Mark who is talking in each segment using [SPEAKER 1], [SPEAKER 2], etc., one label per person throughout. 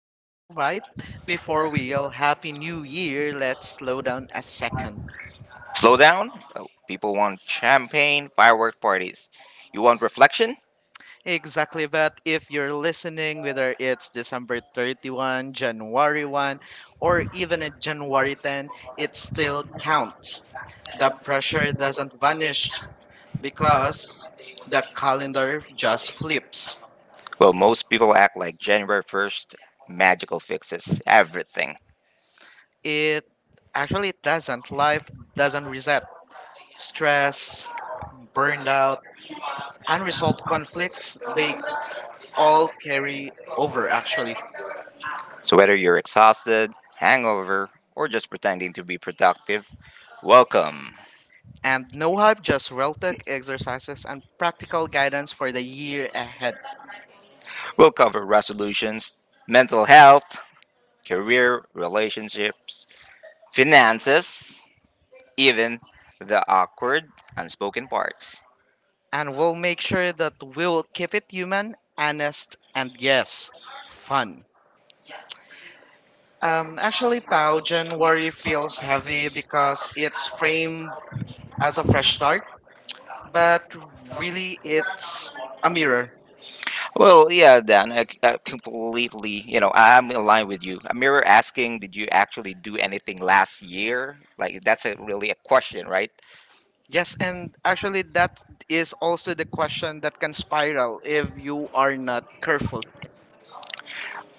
[SPEAKER 1] And all right, before we yell Happy New Year, let's slow down a second.
[SPEAKER 2] Slow down. Oh, people want champagne, firework parties. You want reflection?
[SPEAKER 1] Exactly, but if you're listening, whether it's December 31, January 1, or even a January 10, it
[SPEAKER 2] It's
[SPEAKER 1] still counts.
[SPEAKER 2] counts the
[SPEAKER 1] The
[SPEAKER 2] pressure
[SPEAKER 1] pressure
[SPEAKER 2] in the
[SPEAKER 1] doesn't vanish
[SPEAKER 2] dish
[SPEAKER 1] because
[SPEAKER 2] because the
[SPEAKER 1] the calendar just flips.
[SPEAKER 2] Well, most people act like January 1st magical fixes everything.
[SPEAKER 1] It actually doesn't. Life doesn't reset. Stress, burned out, unresolved conflicts, they all carry over actually.
[SPEAKER 2] So, whether you're exhausted, hangover, or just pretending to be productive, welcome.
[SPEAKER 1] And no hype, just real tech exercises and practical guidance for the year ahead.
[SPEAKER 2] We'll cover resolutions, mental health, career, relationships, finances, even the awkward, unspoken parts.
[SPEAKER 1] And we'll make sure that we'll keep it human, honest, and yes, fun. Actually, Pao, January feels heavy because
[SPEAKER 2] Because
[SPEAKER 1] it's
[SPEAKER 2] it's framed
[SPEAKER 1] framed
[SPEAKER 2] as
[SPEAKER 1] as a fresh start,
[SPEAKER 2] but
[SPEAKER 1] but
[SPEAKER 2] really
[SPEAKER 1] really it's
[SPEAKER 2] it's a.
[SPEAKER 1] a mirror.
[SPEAKER 2] Well, yeah, Dan, I completely, I'm in line with you. A mirror asking, did you actually do anything last year? Like, that's a, really a question, right?
[SPEAKER 1] Yes, and actually, that is also the question that can spiral if you are not careful.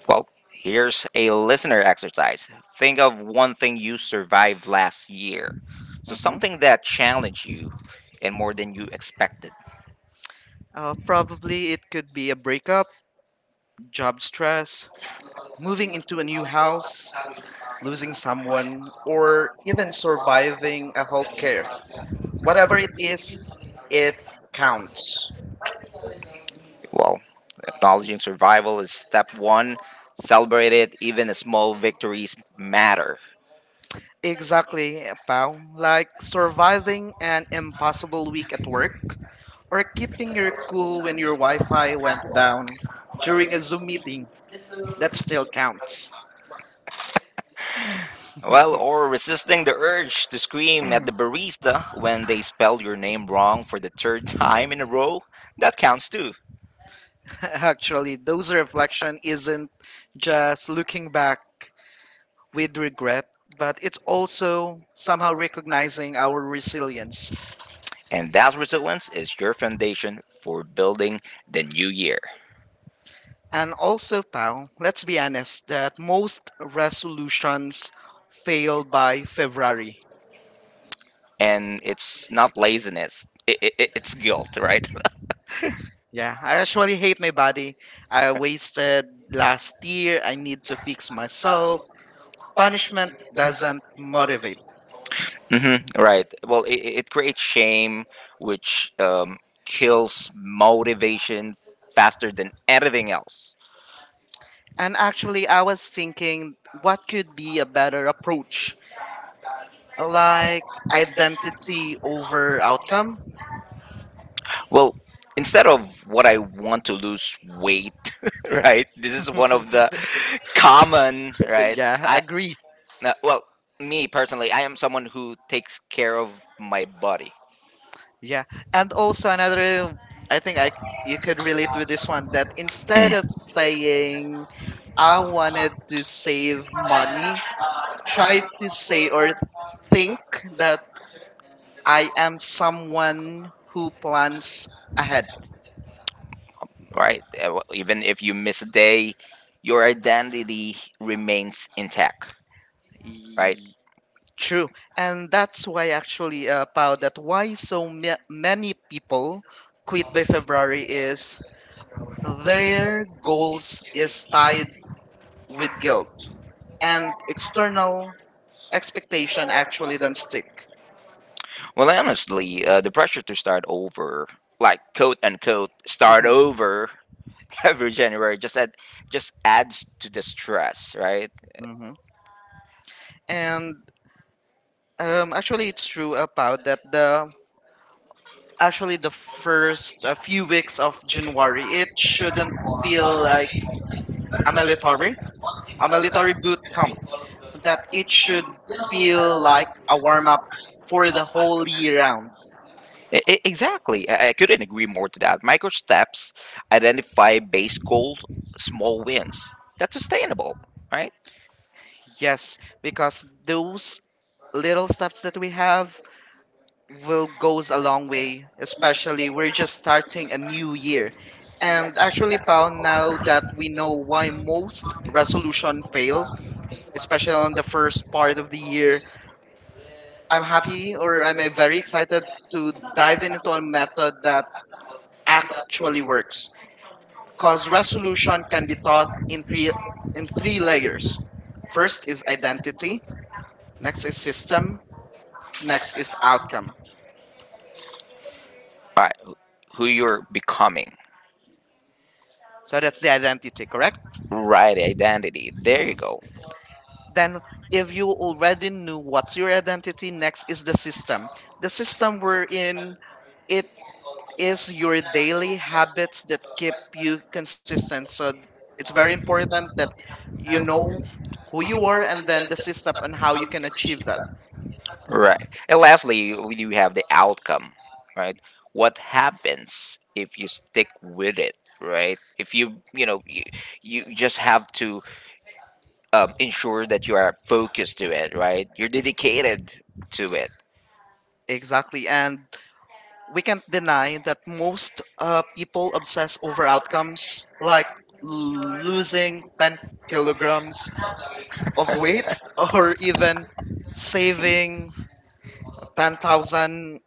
[SPEAKER 2] Well, here's a listener exercise. Think of one thing you survived last year. So,
[SPEAKER 1] Mm-hmm.
[SPEAKER 2] something that challenged you and more than you expected.
[SPEAKER 1] Probably it could be a breakup, job stress, moving into a new house, losing someone, or
[SPEAKER 2] Or
[SPEAKER 1] even surviving a
[SPEAKER 2] okay,
[SPEAKER 1] healthcare. Whatever it is, it
[SPEAKER 2] it
[SPEAKER 1] counts.
[SPEAKER 2] counts. Well, acknowledging survival is step one. Celebrate it, even small victories matter.
[SPEAKER 1] Exactly, pal. Like surviving an impossible week at work, or keeping your cool
[SPEAKER 2] I
[SPEAKER 1] when your Wi Fi went
[SPEAKER 2] went down
[SPEAKER 1] down during
[SPEAKER 2] during a
[SPEAKER 1] a Zoom meeting. That
[SPEAKER 2] that
[SPEAKER 1] still
[SPEAKER 2] still
[SPEAKER 1] counts.
[SPEAKER 2] counts. Well, or resisting the urge to scream at the barista when they spell your name wrong for the third time in a row, that counts too.
[SPEAKER 1] Actually, those reflection isn't just looking back with regret,
[SPEAKER 2] But
[SPEAKER 1] but
[SPEAKER 2] it-
[SPEAKER 1] it's also somehow recognizing our resilience.
[SPEAKER 2] and that resilience is your foundation for building the new year.
[SPEAKER 1] And also, pal, let's be honest that most resolutions fail by February.
[SPEAKER 2] And it's not laziness, it's guilt, right?
[SPEAKER 1] Yeah, I actually hate my body. I wasted last year. I need to fix myself. Punishment doesn't motivate.
[SPEAKER 2] hmm Right. Well, it creates shame, which kills motivation faster than anything else.
[SPEAKER 1] And actually, I was thinking what could be a better approach? Like identity over outcome?
[SPEAKER 2] Well, instead of what I want to lose weight, right? This is one of the common, right?
[SPEAKER 1] Yeah,
[SPEAKER 2] I
[SPEAKER 1] agree.
[SPEAKER 2] uh, well, Me personally, I am someone who takes care of my body.
[SPEAKER 1] Yeah. And also another I think I you could relate with this one that instead of
[SPEAKER 2] Mm.
[SPEAKER 1] saying I wanted to save money, try to say or think that I am someone who plans ahead.
[SPEAKER 2] Right? Even if you miss a day, your identity remains intact, right?
[SPEAKER 1] True, and that's why actually, Pao, that why so many people quit by February is
[SPEAKER 2] The
[SPEAKER 1] their goals is
[SPEAKER 2] is
[SPEAKER 1] tied
[SPEAKER 2] tied with
[SPEAKER 1] with guilt
[SPEAKER 2] guilt and
[SPEAKER 1] and
[SPEAKER 2] external
[SPEAKER 1] external expectation actually don't stick.
[SPEAKER 2] stick. Well, honestly, the pressure to start over, like quote unquote, start over every January, just adds to the stress, right?
[SPEAKER 1] Hmm. And actually, it's true about that the actually the first few weeks of January, it
[SPEAKER 2] It shouldn't
[SPEAKER 1] shouldn't
[SPEAKER 2] feel
[SPEAKER 1] feel like a
[SPEAKER 2] like
[SPEAKER 1] military, a
[SPEAKER 2] about
[SPEAKER 1] military boot camp that
[SPEAKER 2] it
[SPEAKER 1] it
[SPEAKER 2] should
[SPEAKER 1] should feel
[SPEAKER 2] feel
[SPEAKER 1] like
[SPEAKER 2] like
[SPEAKER 1] a warm up
[SPEAKER 2] for
[SPEAKER 1] for
[SPEAKER 2] the
[SPEAKER 1] the whole
[SPEAKER 2] whole year.
[SPEAKER 1] year round.
[SPEAKER 2] Exactly. I couldn't agree more to that. Micro steps identify base goals, small wins. That's sustainable, right?
[SPEAKER 1] Yes, because those little steps that we have will goes a long way, especially we're just starting a new year.
[SPEAKER 2] And
[SPEAKER 1] And actually, Pao, now
[SPEAKER 2] I
[SPEAKER 1] that
[SPEAKER 2] think
[SPEAKER 1] we know why most
[SPEAKER 2] that's
[SPEAKER 1] resolution fail,
[SPEAKER 2] especially
[SPEAKER 1] especially on the first part of the year,
[SPEAKER 2] I've
[SPEAKER 1] I'm
[SPEAKER 2] had
[SPEAKER 1] happy
[SPEAKER 2] to
[SPEAKER 1] or I'm
[SPEAKER 2] recommend
[SPEAKER 1] very excited to dive
[SPEAKER 2] dive
[SPEAKER 1] into a
[SPEAKER 2] on method
[SPEAKER 1] method
[SPEAKER 2] that
[SPEAKER 1] that
[SPEAKER 2] actually
[SPEAKER 1] actually works.
[SPEAKER 2] works.
[SPEAKER 1] Because
[SPEAKER 2] 'Cause
[SPEAKER 1] resolution can be taught in three layers.
[SPEAKER 2] first,
[SPEAKER 1] First is identity,
[SPEAKER 2] next
[SPEAKER 1] next is
[SPEAKER 2] step,
[SPEAKER 1] system, next
[SPEAKER 2] next is
[SPEAKER 1] is
[SPEAKER 2] out.
[SPEAKER 1] outcome.
[SPEAKER 2] Right. Who you're becoming. So
[SPEAKER 1] So that's the identity, correct?
[SPEAKER 2] right. Identity. There you
[SPEAKER 1] Mm.
[SPEAKER 2] go.
[SPEAKER 1] Then if you already knew what's your identity, next is the system. The
[SPEAKER 2] This,
[SPEAKER 1] system we're in, it
[SPEAKER 2] it
[SPEAKER 1] is your daily habits that keep
[SPEAKER 2] you
[SPEAKER 1] you
[SPEAKER 2] consistent.
[SPEAKER 1] consistent.
[SPEAKER 2] So
[SPEAKER 1] So
[SPEAKER 2] it's
[SPEAKER 1] it's
[SPEAKER 2] very
[SPEAKER 1] very
[SPEAKER 2] important
[SPEAKER 1] important that
[SPEAKER 2] that
[SPEAKER 1] you
[SPEAKER 2] you know
[SPEAKER 1] know
[SPEAKER 2] who
[SPEAKER 1] who
[SPEAKER 2] you
[SPEAKER 1] you are
[SPEAKER 2] are and
[SPEAKER 1] and
[SPEAKER 2] then
[SPEAKER 1] then
[SPEAKER 2] the
[SPEAKER 1] the
[SPEAKER 2] system
[SPEAKER 1] system
[SPEAKER 2] and
[SPEAKER 1] and
[SPEAKER 2] how
[SPEAKER 1] how
[SPEAKER 2] you
[SPEAKER 1] you
[SPEAKER 2] can
[SPEAKER 1] can
[SPEAKER 2] achieve
[SPEAKER 1] achieve that.
[SPEAKER 2] that. Right. And lastly, we do have the outcome, right? What happens if you stick with it, right? If you, you just have to ensure that you are focused to it, right? You're dedicated to it.
[SPEAKER 1] Exactly. And we can't deny that most people obsess over outcomes
[SPEAKER 2] It's like
[SPEAKER 1] like losing 10
[SPEAKER 2] kilograms
[SPEAKER 1] kilograms of
[SPEAKER 2] of weight
[SPEAKER 1] weight or even saving 10,000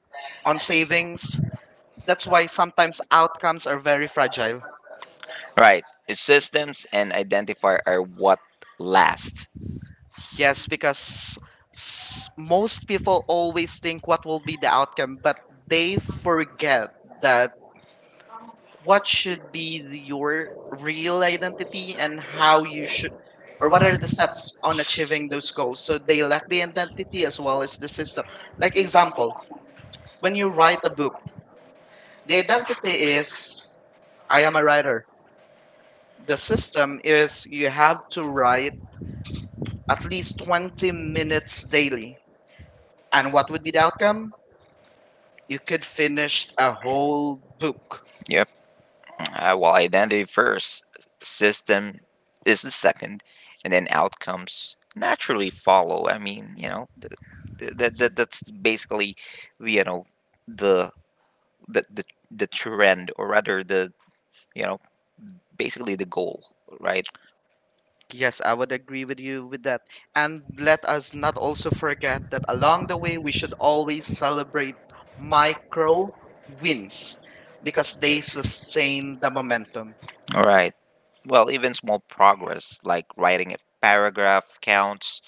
[SPEAKER 1] on savings. That's why sometimes outcomes are very fragile.
[SPEAKER 2] on right. Systems and identifier are what last.
[SPEAKER 1] Yes, because most people always think what will be the outcome, but they forget that what
[SPEAKER 2] What should
[SPEAKER 1] should
[SPEAKER 2] be
[SPEAKER 1] be your real identity and
[SPEAKER 2] and
[SPEAKER 1] how
[SPEAKER 2] how
[SPEAKER 1] you
[SPEAKER 2] you should,
[SPEAKER 1] should, or
[SPEAKER 2] or
[SPEAKER 1] what
[SPEAKER 2] what are
[SPEAKER 1] are the
[SPEAKER 2] the
[SPEAKER 1] steps
[SPEAKER 2] steps on
[SPEAKER 1] on achieving
[SPEAKER 2] achieving
[SPEAKER 1] those goals, so they lack the identity as
[SPEAKER 2] as well
[SPEAKER 1] well as the
[SPEAKER 2] as
[SPEAKER 1] system. Like
[SPEAKER 2] like
[SPEAKER 1] example, when
[SPEAKER 2] when
[SPEAKER 1] you
[SPEAKER 2] you
[SPEAKER 1] write
[SPEAKER 2] write
[SPEAKER 1] a book, the
[SPEAKER 2] the identity
[SPEAKER 1] identity is
[SPEAKER 2] is
[SPEAKER 1] I
[SPEAKER 2] I am
[SPEAKER 1] am a writer, the system is you have to write at least 20
[SPEAKER 2] the minute
[SPEAKER 1] minutes daily,
[SPEAKER 2] I'm
[SPEAKER 1] and what would be the outcome, you could finish a whole book.
[SPEAKER 2] yep. Identity first, system is the second, and then outcomes naturally follow. I mean, that's basically, you know, the the the, the trend or rather the you know basically the goal right.
[SPEAKER 1] Yes, I would agree with you with that. And let us not also forget that along the way, we should always celebrate micro
[SPEAKER 2] Micro is
[SPEAKER 1] wins because
[SPEAKER 2] because
[SPEAKER 1] they
[SPEAKER 2] it's saying
[SPEAKER 1] sustain the momentum.
[SPEAKER 2] all right, well, even small progress like writing a paragraph counts,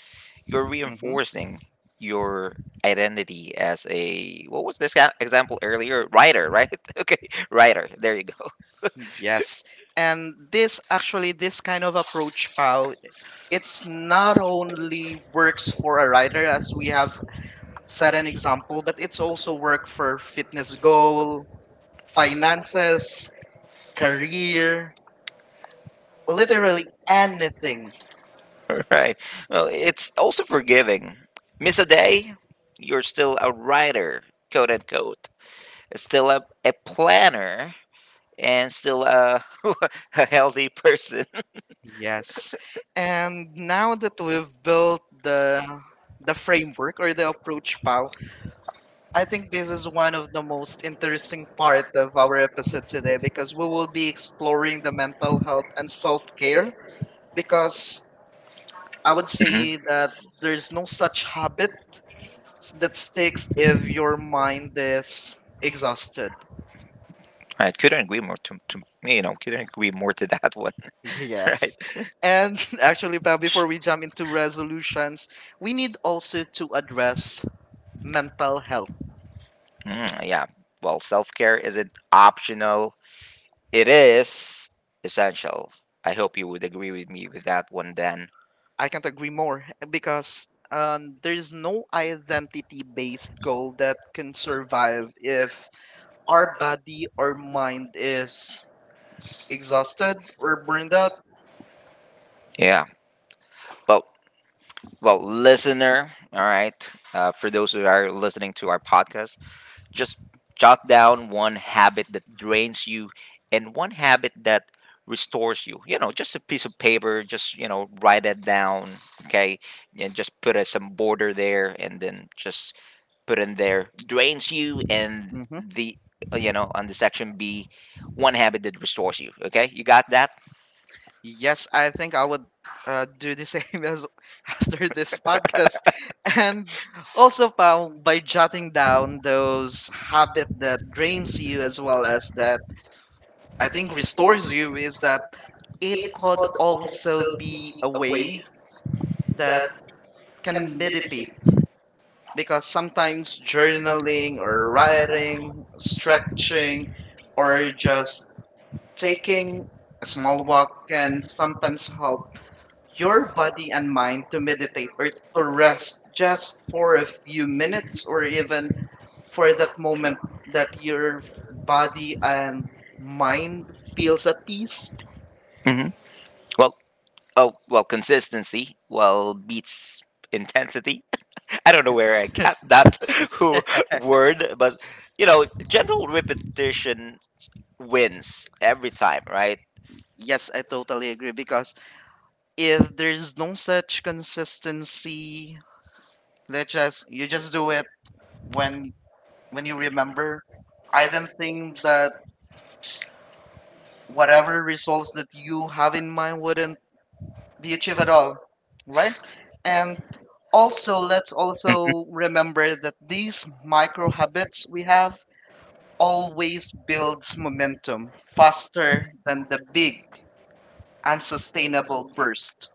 [SPEAKER 2] you're
[SPEAKER 1] Hmm.
[SPEAKER 2] reinforcing your identity as a what was this guy- example earlier writer right okay writer there you go.
[SPEAKER 1] Yes. And this actually, this kind of approach, Pau, it's not only works for a writer, as we have
[SPEAKER 2] It's
[SPEAKER 1] set an example, but it's also work for fitness goal,
[SPEAKER 2] finance
[SPEAKER 1] finances, career,
[SPEAKER 2] calculated.
[SPEAKER 1] literally anything.
[SPEAKER 2] Right. Well, it's also forgiving. Miss a day, you're still a writer, quote unquote. Still a planner and still a, a healthy person.
[SPEAKER 1] Yes. And now that we've built the framework or the approach, Pau,
[SPEAKER 2] I
[SPEAKER 1] I think this is one of the most interesting part
[SPEAKER 2] admire
[SPEAKER 1] of our episode today because we will be
[SPEAKER 2] the exploring
[SPEAKER 1] exploring the mental
[SPEAKER 2] willpower
[SPEAKER 1] health and
[SPEAKER 2] itself
[SPEAKER 1] self-care because
[SPEAKER 2] because
[SPEAKER 1] I
[SPEAKER 2] I would
[SPEAKER 1] would
[SPEAKER 2] hmm
[SPEAKER 1] say that there's no such habit
[SPEAKER 2] say
[SPEAKER 1] that
[SPEAKER 2] that's
[SPEAKER 1] sticks if your mind is
[SPEAKER 2] ex-
[SPEAKER 1] exhausted.
[SPEAKER 2] I couldn't agree more to, couldn't agree more to that one, right?
[SPEAKER 1] Yes. And actually, Pau, before we jump into resolutions, we need also to address mental health.
[SPEAKER 2] Yes. Mm, yeah. Well, self care isn't optional. It is essential. I hope you would agree with me with that one, Dan.
[SPEAKER 1] I can't agree more because there's no identity based goal that can survive if our body or mind is exhausted or burned out.
[SPEAKER 2] Yeah. Well, well, listener, all right. For those who are listening to our podcast, just jot down one habit that drains you and one habit that restores you. You know, just a piece of paper, write it down, okay? And just put a, some border there and then just put in there drains you and
[SPEAKER 1] Hmm.
[SPEAKER 2] the, on the section B, one habit that restores you, okay? You got that?
[SPEAKER 1] Yes, I think I would do the same as after this podcast. And also, Pao, by jotting down those habit that drains you as
[SPEAKER 2] Well
[SPEAKER 1] well as
[SPEAKER 2] as
[SPEAKER 1] that
[SPEAKER 2] I
[SPEAKER 1] I think
[SPEAKER 2] think
[SPEAKER 1] restores you is that
[SPEAKER 2] that it
[SPEAKER 1] it
[SPEAKER 2] could
[SPEAKER 1] could also
[SPEAKER 2] also be
[SPEAKER 1] be a
[SPEAKER 2] a way
[SPEAKER 1] way
[SPEAKER 2] that
[SPEAKER 1] that
[SPEAKER 2] can
[SPEAKER 1] can
[SPEAKER 2] meditate.
[SPEAKER 1] meditate because sometimes journaling
[SPEAKER 2] Journaling
[SPEAKER 1] or
[SPEAKER 2] or writing,
[SPEAKER 1] writing,
[SPEAKER 2] stretching,
[SPEAKER 1] stretching, or
[SPEAKER 2] or
[SPEAKER 1] just
[SPEAKER 2] just taking
[SPEAKER 1] taking a
[SPEAKER 2] a
[SPEAKER 1] small
[SPEAKER 2] small
[SPEAKER 1] walk
[SPEAKER 2] walk
[SPEAKER 1] can
[SPEAKER 2] can
[SPEAKER 1] sometimes help
[SPEAKER 2] help
[SPEAKER 1] your
[SPEAKER 2] your
[SPEAKER 1] body
[SPEAKER 2] body
[SPEAKER 1] and mind to meditate or to rest
[SPEAKER 2] rest
[SPEAKER 1] just
[SPEAKER 2] just
[SPEAKER 1] for
[SPEAKER 2] for a
[SPEAKER 1] a few
[SPEAKER 2] few
[SPEAKER 1] minutes
[SPEAKER 2] minutes
[SPEAKER 1] or
[SPEAKER 2] or
[SPEAKER 1] even
[SPEAKER 2] even for
[SPEAKER 1] for
[SPEAKER 2] the
[SPEAKER 1] that
[SPEAKER 2] moment
[SPEAKER 1] moment that
[SPEAKER 2] that
[SPEAKER 1] your
[SPEAKER 2] your
[SPEAKER 1] body
[SPEAKER 2] body
[SPEAKER 1] and
[SPEAKER 2] and mind
[SPEAKER 1] mind feels
[SPEAKER 2] feels
[SPEAKER 1] at
[SPEAKER 2] at
[SPEAKER 1] peace.
[SPEAKER 2] peace. Hmm Well, consistency well beats intensity. I don't know where I got that who word, but you know, gentle repetition wins every time, right?
[SPEAKER 1] Yes, I totally agree because if there's no such consistency, let's just you just do it when you
[SPEAKER 2] With
[SPEAKER 1] remember. I don't
[SPEAKER 2] items
[SPEAKER 1] think
[SPEAKER 2] uh,
[SPEAKER 1] that
[SPEAKER 2] whatever
[SPEAKER 1] whatever results that you have in mind wouldn't be
[SPEAKER 2] we achieve
[SPEAKER 1] achieved at
[SPEAKER 2] at all,
[SPEAKER 1] all, right?
[SPEAKER 2] right?
[SPEAKER 1] And
[SPEAKER 2] And also
[SPEAKER 1] also, let's
[SPEAKER 2] let's
[SPEAKER 1] also remember that these micro
[SPEAKER 2] Michael
[SPEAKER 1] habits we
[SPEAKER 2] have
[SPEAKER 1] have
[SPEAKER 2] always
[SPEAKER 1] always
[SPEAKER 2] built
[SPEAKER 1] builds momentum
[SPEAKER 2] fast
[SPEAKER 1] faster than
[SPEAKER 2] and
[SPEAKER 1] the big
[SPEAKER 2] big and
[SPEAKER 1] unsustainable burst.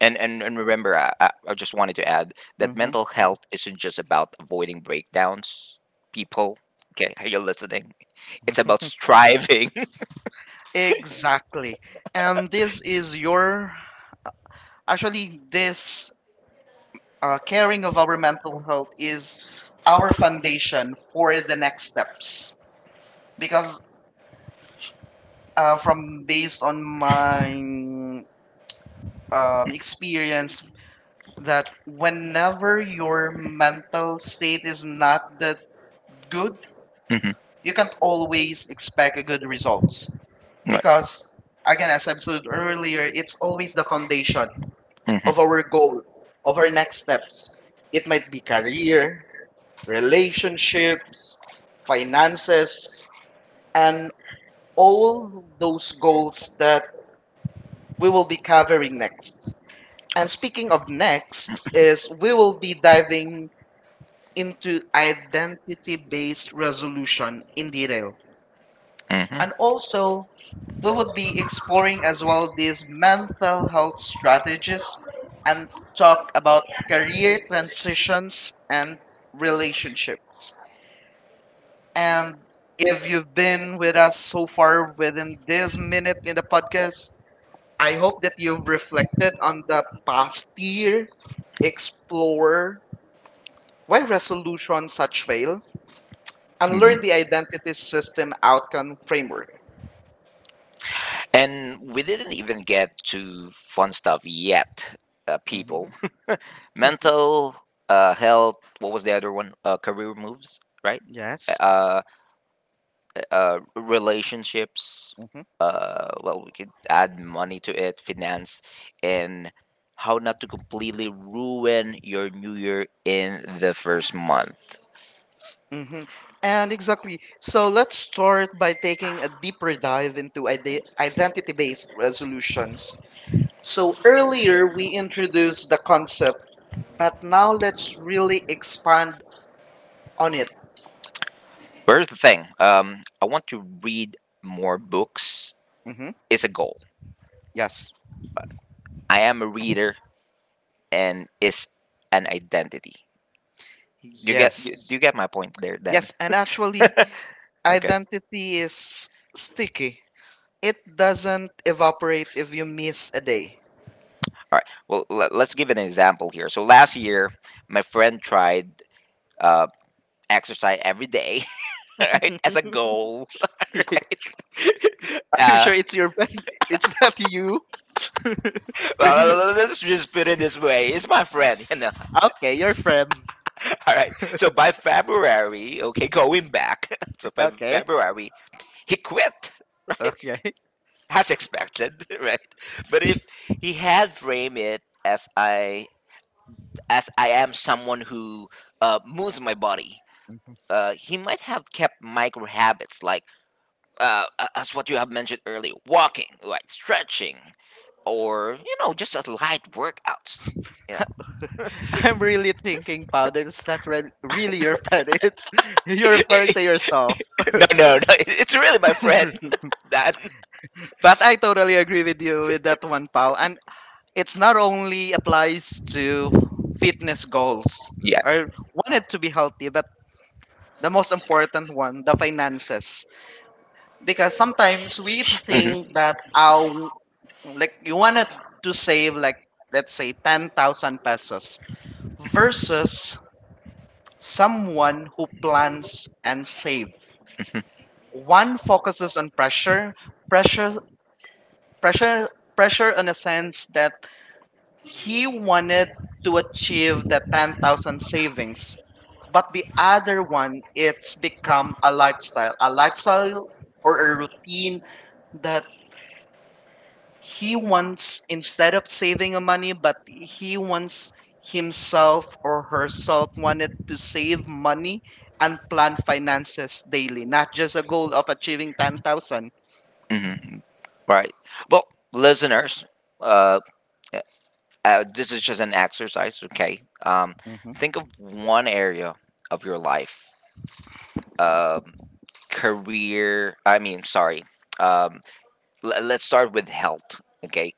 [SPEAKER 2] And remember, I just wanted to add that
[SPEAKER 1] Hmm.
[SPEAKER 2] mental health isn't just about avoiding breakdowns, people. Okay, are you listening? It's about striving.
[SPEAKER 1] Exactly. And actually, this caring of our mental health is our
[SPEAKER 2] Our foundation
[SPEAKER 1] foundation
[SPEAKER 2] for
[SPEAKER 1] for the
[SPEAKER 2] the
[SPEAKER 1] next steps.
[SPEAKER 2] next
[SPEAKER 1] Because
[SPEAKER 2] because from
[SPEAKER 1] from based
[SPEAKER 2] based
[SPEAKER 1] on
[SPEAKER 2] on my
[SPEAKER 1] my
[SPEAKER 2] uh,
[SPEAKER 1] experience, that whenever your
[SPEAKER 2] you're
[SPEAKER 1] mental state is not
[SPEAKER 2] not
[SPEAKER 1] that
[SPEAKER 2] good,
[SPEAKER 1] good,
[SPEAKER 2] Mhm.
[SPEAKER 1] you
[SPEAKER 2] You can't
[SPEAKER 1] can't
[SPEAKER 2] always
[SPEAKER 1] always expect a good results.
[SPEAKER 2] results right.
[SPEAKER 1] Because
[SPEAKER 2] Because
[SPEAKER 1] again,
[SPEAKER 2] again,
[SPEAKER 1] as
[SPEAKER 2] as
[SPEAKER 1] I
[SPEAKER 2] I said
[SPEAKER 1] said
[SPEAKER 2] earlier,
[SPEAKER 1] earlier, it's
[SPEAKER 2] it's
[SPEAKER 1] always
[SPEAKER 2] always
[SPEAKER 1] the
[SPEAKER 2] the
[SPEAKER 1] foundation
[SPEAKER 2] Mhm. Of
[SPEAKER 1] of our
[SPEAKER 2] our
[SPEAKER 1] goal,
[SPEAKER 2] goal,
[SPEAKER 1] of
[SPEAKER 2] of our
[SPEAKER 1] our next
[SPEAKER 2] next.
[SPEAKER 1] step. It
[SPEAKER 2] It might
[SPEAKER 1] might
[SPEAKER 2] be
[SPEAKER 1] be
[SPEAKER 2] career,
[SPEAKER 1] career,
[SPEAKER 2] relations,
[SPEAKER 1] relationship, finances,
[SPEAKER 2] finances,
[SPEAKER 1] and
[SPEAKER 2] and all
[SPEAKER 1] all those goals
[SPEAKER 2] goals
[SPEAKER 1] that we
[SPEAKER 2] we
[SPEAKER 1] will
[SPEAKER 2] will
[SPEAKER 1] be
[SPEAKER 2] be
[SPEAKER 1] covering
[SPEAKER 2] covering
[SPEAKER 1] next. And
[SPEAKER 2] and
[SPEAKER 1] speaking of
[SPEAKER 2] space,
[SPEAKER 1] next is we will be diving
[SPEAKER 2] in,
[SPEAKER 1] into identity-based resolution in detail.
[SPEAKER 2] Mhm.
[SPEAKER 1] And
[SPEAKER 2] And
[SPEAKER 1] also we
[SPEAKER 2] we will
[SPEAKER 1] would be
[SPEAKER 2] be exploring
[SPEAKER 1] exploring
[SPEAKER 2] as
[SPEAKER 1] as well
[SPEAKER 2] well
[SPEAKER 1] these
[SPEAKER 2] advantages
[SPEAKER 1] mental health strategies
[SPEAKER 2] and
[SPEAKER 1] and
[SPEAKER 2] job
[SPEAKER 1] talk about
[SPEAKER 2] career.
[SPEAKER 1] career transitions and relationships.
[SPEAKER 2] And
[SPEAKER 1] And if
[SPEAKER 2] if you,
[SPEAKER 1] you've been with us so far within this minute in the podcast, I
[SPEAKER 2] I
[SPEAKER 1] hope that you've reflected on the past year,
[SPEAKER 2] expect
[SPEAKER 1] explore why resolution such fail, and learn
[SPEAKER 2] Mhm.
[SPEAKER 1] the identity system outcome framework.
[SPEAKER 2] And we didn't even get to fun stuff yet, people.
[SPEAKER 1] Mhm.
[SPEAKER 2] Mental health, what was the other one? Career moves, right?
[SPEAKER 1] Yes.
[SPEAKER 2] Uh, Relationships,
[SPEAKER 1] Hmm.
[SPEAKER 2] we could add money to it, finance, and how not to completely ruin your new year in the first month.
[SPEAKER 1] Hmm. And exactly. So let's start by taking a deeper dive into identity based resolutions.
[SPEAKER 2] So
[SPEAKER 1] So earlier,
[SPEAKER 2] earlier,
[SPEAKER 1] we introduced the concept.
[SPEAKER 2] but
[SPEAKER 1] But now
[SPEAKER 2] now
[SPEAKER 1] let's
[SPEAKER 2] let's
[SPEAKER 1] really
[SPEAKER 2] respond
[SPEAKER 1] expand on
[SPEAKER 2] on
[SPEAKER 1] it.
[SPEAKER 2] it. But here's the thing. I want to read more books.
[SPEAKER 1] Hmm.
[SPEAKER 2] Is a goal.
[SPEAKER 1] Yes.
[SPEAKER 2] I am a reader, and is an identity. Do you get? Yes. Do
[SPEAKER 1] Yes.
[SPEAKER 2] you get my point there, Dan?
[SPEAKER 1] Yes. And actually, identity is sticky, it doesn't evaporate if you miss a day.
[SPEAKER 2] All right. Well, let's give an example here. So last year, my friend tried uh, exercise every day, right, as a goal.
[SPEAKER 1] Are you
[SPEAKER 2] Uh,
[SPEAKER 1] sure it's your friend? It's not you?
[SPEAKER 2] well, let's just put it this way: it's my friend, you know.
[SPEAKER 1] Okay, your friend.
[SPEAKER 2] All right. So by February, okay, going back. So by
[SPEAKER 1] Okay,
[SPEAKER 2] February, he quit right?
[SPEAKER 1] okay.
[SPEAKER 2] As expected right but if he had framed it as I am someone who moves my body, he might have kept micro habits like as what you have mentioned earlier walking like stretching or you know just a light workout.
[SPEAKER 1] I'm really thinking, Powder, it's not really your friend. It's you're referring to yourself.
[SPEAKER 2] No, it's really my friend that
[SPEAKER 1] But I totally agree with you with that one, Pau. And it's not only applies to fitness goals
[SPEAKER 2] yeah
[SPEAKER 1] or wanted to be healthy, but the most important one, the finances. Because sometimes we
[SPEAKER 2] Mhm.
[SPEAKER 1] think that our like you wanted to save like let's say 10,000 pesos versus someone who plans and save. One focuses on pressure, pressure, pressure, pressure in a sense that he wanted to achieve the 10,000 savings, but the other one, it's become a lifestyle or a routine
[SPEAKER 2] In
[SPEAKER 1] that he
[SPEAKER 2] he wants
[SPEAKER 1] wants instead of saving a money, but he wants
[SPEAKER 2] him
[SPEAKER 1] himself or herself wanted to save money and plan finances daily, not just a goal of achieving 10,000.
[SPEAKER 2] and hmm right. Well, listeners, uh, this is just an exercise, okay?
[SPEAKER 1] Mm-hmm,
[SPEAKER 2] Think of one area of your life, um, career. I mean, sorry. Um, let's start with health, okay?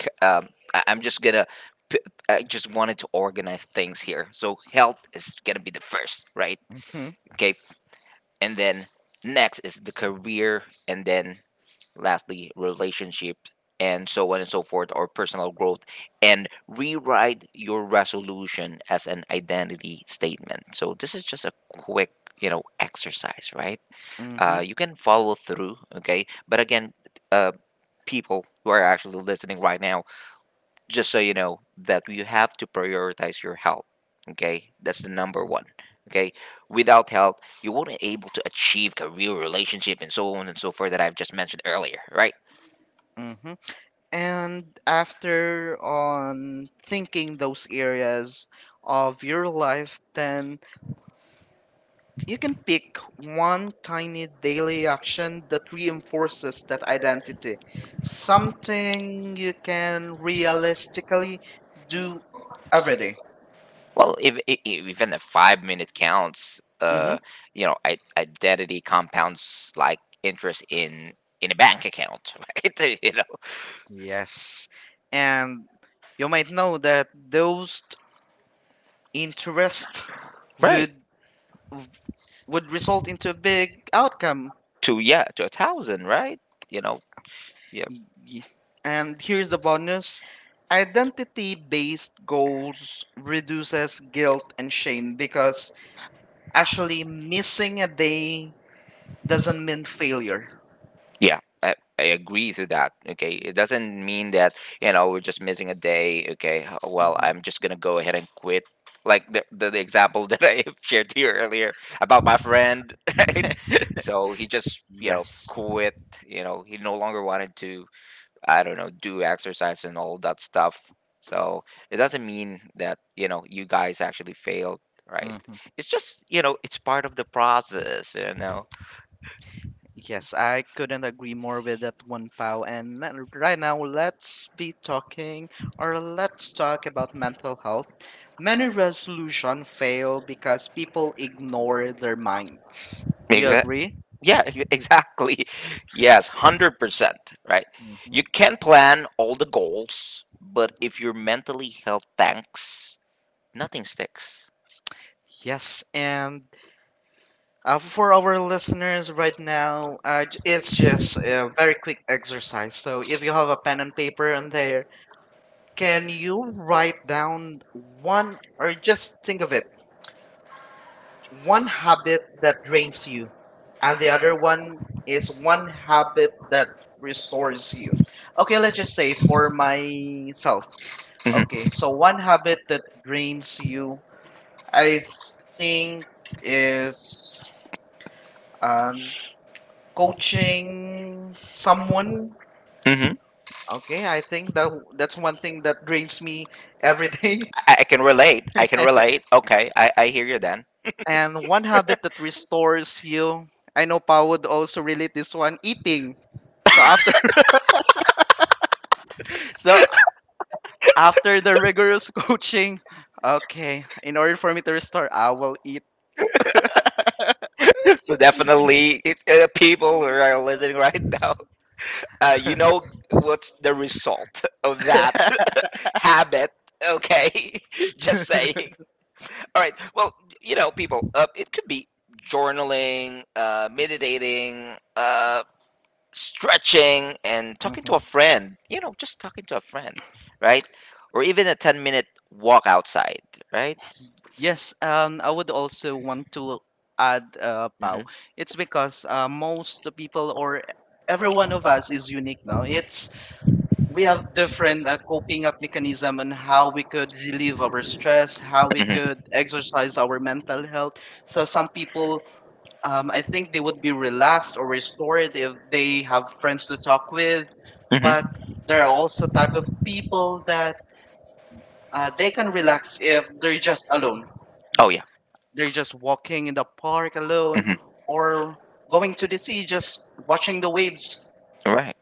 [SPEAKER 2] I'm just gonna. p- I just wanted to organize things here. So health is gonna be the first, right?
[SPEAKER 1] mm-hmm,
[SPEAKER 2] Okay, and then next is the career, and then lastly, relationships and so on and so forth, or personal growth, and rewrite your resolution as an identity statement. So this is just a quick, you know, exercise, right? You can follow through, okay? But again, uh, people who are actually listening right now, just so you know that you have to prioritize your health. Okay, that's the number one. Okay, without health, you won't be able to achieve career, relationship, and so on and so forth that I've just mentioned earlier, right?
[SPEAKER 1] mm-hmm.
[SPEAKER 2] And
[SPEAKER 1] And
[SPEAKER 2] after
[SPEAKER 1] after
[SPEAKER 2] um,
[SPEAKER 1] on
[SPEAKER 2] thinking
[SPEAKER 1] thinking those
[SPEAKER 2] those areas
[SPEAKER 1] areas
[SPEAKER 2] of
[SPEAKER 1] of
[SPEAKER 2] your
[SPEAKER 1] your
[SPEAKER 2] life,
[SPEAKER 1] life,
[SPEAKER 2] then
[SPEAKER 1] then you can pick one tiny daily action that reinforces that identity.
[SPEAKER 2] some
[SPEAKER 1] Something you can realistically
[SPEAKER 2] do
[SPEAKER 1] do every
[SPEAKER 2] everything.
[SPEAKER 1] day.
[SPEAKER 2] Well, if, even a 5-minute counts,
[SPEAKER 1] Mm-hmm.
[SPEAKER 2] you know, identity compounds like interest in a bank account, right? You know,
[SPEAKER 1] Yes. And you might know that those
[SPEAKER 2] yes,
[SPEAKER 1] interests
[SPEAKER 2] right?
[SPEAKER 1] would would result into a big outcome.
[SPEAKER 2] To yeah, to a thousand, right? You know, yeah.
[SPEAKER 1] Y- And here's the bonus. Identity-based goals reduces guilt and shame because actually missing a day
[SPEAKER 2] I,
[SPEAKER 1] doesn't mean failure.
[SPEAKER 2] yeah, I agree to that. Okay, it doesn't mean that you know we're just missing a day. Okay, well
[SPEAKER 1] Mhm.
[SPEAKER 2] I'm just gonna go ahead and quit. Like the example that I shared to you earlier about my friend, right? So he just you know
[SPEAKER 1] Yes.
[SPEAKER 2] quit. You know he no longer wanted to. I don't know do exercise and all that stuff. So it doesn't mean that you know you guys actually failed, right?
[SPEAKER 1] Hmm.
[SPEAKER 2] It's just you know it's part of the process. You know.
[SPEAKER 1] Yes, I couldn't agree more with that one, pal. And right now, let's be talking or let's talk about mental health. Many resolutions fail because people ignore their minds. Do you
[SPEAKER 2] Exactly.
[SPEAKER 1] agree?
[SPEAKER 2] Yeah, exactly. Yes, 100%, right?
[SPEAKER 1] Mhm.
[SPEAKER 2] You can plan all the goals, but if you're mentally held tanks, nothing sticks.
[SPEAKER 1] Yes, and for our listeners right now, it's
[SPEAKER 2] It's
[SPEAKER 1] just
[SPEAKER 2] just
[SPEAKER 1] a very quick exercise. So if you have a pen and paper on there, can you write down one or just think of it, one habit that drains
[SPEAKER 2] drains you,
[SPEAKER 1] you,
[SPEAKER 2] and
[SPEAKER 1] and the
[SPEAKER 2] the
[SPEAKER 1] other
[SPEAKER 2] other one
[SPEAKER 1] one is
[SPEAKER 2] is one
[SPEAKER 1] one habit
[SPEAKER 2] habit that
[SPEAKER 1] that restores
[SPEAKER 2] restores
[SPEAKER 1] you.
[SPEAKER 2] you.
[SPEAKER 1] Okay, let's just say for
[SPEAKER 2] Before
[SPEAKER 1] myself.
[SPEAKER 2] Mhm. Okay,
[SPEAKER 1] Okay, so
[SPEAKER 2] so
[SPEAKER 1] one habit that drains
[SPEAKER 2] you,
[SPEAKER 1] you,
[SPEAKER 2] I
[SPEAKER 1] I think
[SPEAKER 2] think
[SPEAKER 1] is
[SPEAKER 2] is um,
[SPEAKER 1] um
[SPEAKER 2] coaching.
[SPEAKER 1] coaching someone.
[SPEAKER 2] Mhm.
[SPEAKER 1] Okay, I think that that's one thing that drains me every day.
[SPEAKER 2] I can relate. I can relate. Okay, I hear you then.
[SPEAKER 1] And one habit that restores you, I know Pa would also relate this one, eating. So after So after the rigorous coaching, okay, in order for me to restore, I will eat.
[SPEAKER 2] So definitely, it, people who are listening right now, you know the result of that habit. Okay, just saying. All right. Well, you know, people, it could be journaling, meditating, stretching, and talking to
[SPEAKER 1] Mhm.
[SPEAKER 2] a friend. You know, just talking to a friend, right? Or even a 10 minute walk outside, right?
[SPEAKER 1] Yes, I would also want to add Pau. It's because most people or every one of us is unique now. It's We
[SPEAKER 2] We have
[SPEAKER 1] have different coping up mechanism on how
[SPEAKER 2] how
[SPEAKER 1] we
[SPEAKER 2] we
[SPEAKER 1] could relieve our
[SPEAKER 2] get
[SPEAKER 1] stress,
[SPEAKER 2] stressed, how
[SPEAKER 1] how we
[SPEAKER 2] we.
[SPEAKER 1] could
[SPEAKER 2] Mhm.
[SPEAKER 1] exercise our mental health. So some
[SPEAKER 2] Feel.
[SPEAKER 1] people,
[SPEAKER 2] I
[SPEAKER 1] I
[SPEAKER 2] think
[SPEAKER 1] think they would be
[SPEAKER 2] relax
[SPEAKER 1] relaxed or restored if they have friends
[SPEAKER 2] to
[SPEAKER 1] to
[SPEAKER 2] talk about.
[SPEAKER 1] talk with,
[SPEAKER 2] Mhm.
[SPEAKER 1] but
[SPEAKER 2] But
[SPEAKER 1] there
[SPEAKER 2] there
[SPEAKER 1] are
[SPEAKER 2] are
[SPEAKER 1] also
[SPEAKER 2] also
[SPEAKER 1] type
[SPEAKER 2] type
[SPEAKER 1] of
[SPEAKER 2] of
[SPEAKER 1] people
[SPEAKER 2] people
[SPEAKER 1] that
[SPEAKER 2] that
[SPEAKER 1] they
[SPEAKER 2] they
[SPEAKER 1] can
[SPEAKER 2] can
[SPEAKER 1] relax
[SPEAKER 2] if
[SPEAKER 1] if they're
[SPEAKER 2] they're
[SPEAKER 1] just
[SPEAKER 2] just.
[SPEAKER 1] alone
[SPEAKER 2] Oh yeah.
[SPEAKER 1] they're just walking in the park
[SPEAKER 2] So,
[SPEAKER 1] alone
[SPEAKER 2] mhm. Or
[SPEAKER 1] or
[SPEAKER 2] going
[SPEAKER 1] going to the sea, just watching the
[SPEAKER 2] the
[SPEAKER 1] waves.
[SPEAKER 2] waves. Right.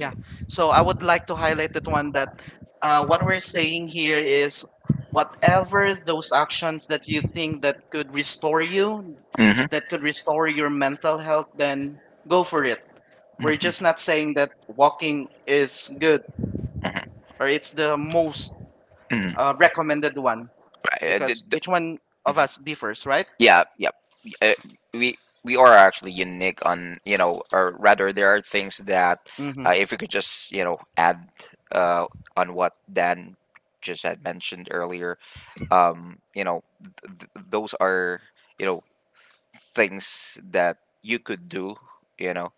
[SPEAKER 2] I'd
[SPEAKER 1] So I would
[SPEAKER 2] like
[SPEAKER 1] like
[SPEAKER 2] to
[SPEAKER 1] to
[SPEAKER 2] highlight
[SPEAKER 1] highlight that
[SPEAKER 2] that one
[SPEAKER 1] one that
[SPEAKER 2] that what
[SPEAKER 1] what
[SPEAKER 2] we're
[SPEAKER 1] we're saying
[SPEAKER 2] saying here
[SPEAKER 1] here is
[SPEAKER 2] is whatever
[SPEAKER 1] whatever those
[SPEAKER 2] those
[SPEAKER 1] actions
[SPEAKER 2] actions that
[SPEAKER 1] that you
[SPEAKER 2] you think
[SPEAKER 1] think that
[SPEAKER 2] that could
[SPEAKER 1] could
[SPEAKER 2] restore.
[SPEAKER 1] restore you,
[SPEAKER 2] That
[SPEAKER 1] that could
[SPEAKER 2] could
[SPEAKER 1] restore your mental health, then go for it.
[SPEAKER 2] we're.
[SPEAKER 1] We're just not saying that walking is good or it's the most
[SPEAKER 2] Mhm.
[SPEAKER 1] recommended one
[SPEAKER 2] Right.
[SPEAKER 1] because each one of us differs, right?
[SPEAKER 2] Yeah, yeah. uh, We we are actually unique on, you know, or rather there are things that
[SPEAKER 1] Mm-hmm.
[SPEAKER 2] if we could just, you know, add uh, on what Dan just had mentioned earlier, you know, those are, you know, things that you could do, you know.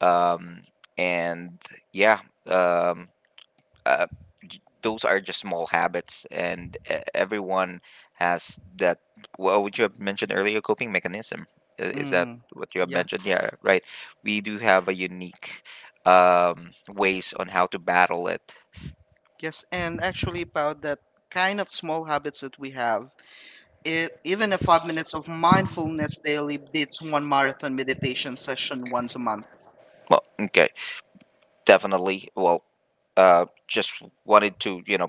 [SPEAKER 2] Um, and yeah, um, uh, those are just small habits, and everyone has that. Well, would you have mentioned earlier? Coping mechanism, is that
[SPEAKER 1] Mm-hmm.
[SPEAKER 2] what you have
[SPEAKER 1] Yeah.
[SPEAKER 2] mentioned? Yeah, right. We do have a unique ways on how to battle it.
[SPEAKER 1] Yes, and actually about that kind of small habits that we have, it even a 5 minutes of mindfulness
[SPEAKER 2] Mindfulness
[SPEAKER 1] daily
[SPEAKER 2] daily
[SPEAKER 1] beats one marathon meditation
[SPEAKER 2] meditation session.
[SPEAKER 1] session once a month.
[SPEAKER 2] Well, okay. Definitely. Well, just wanted to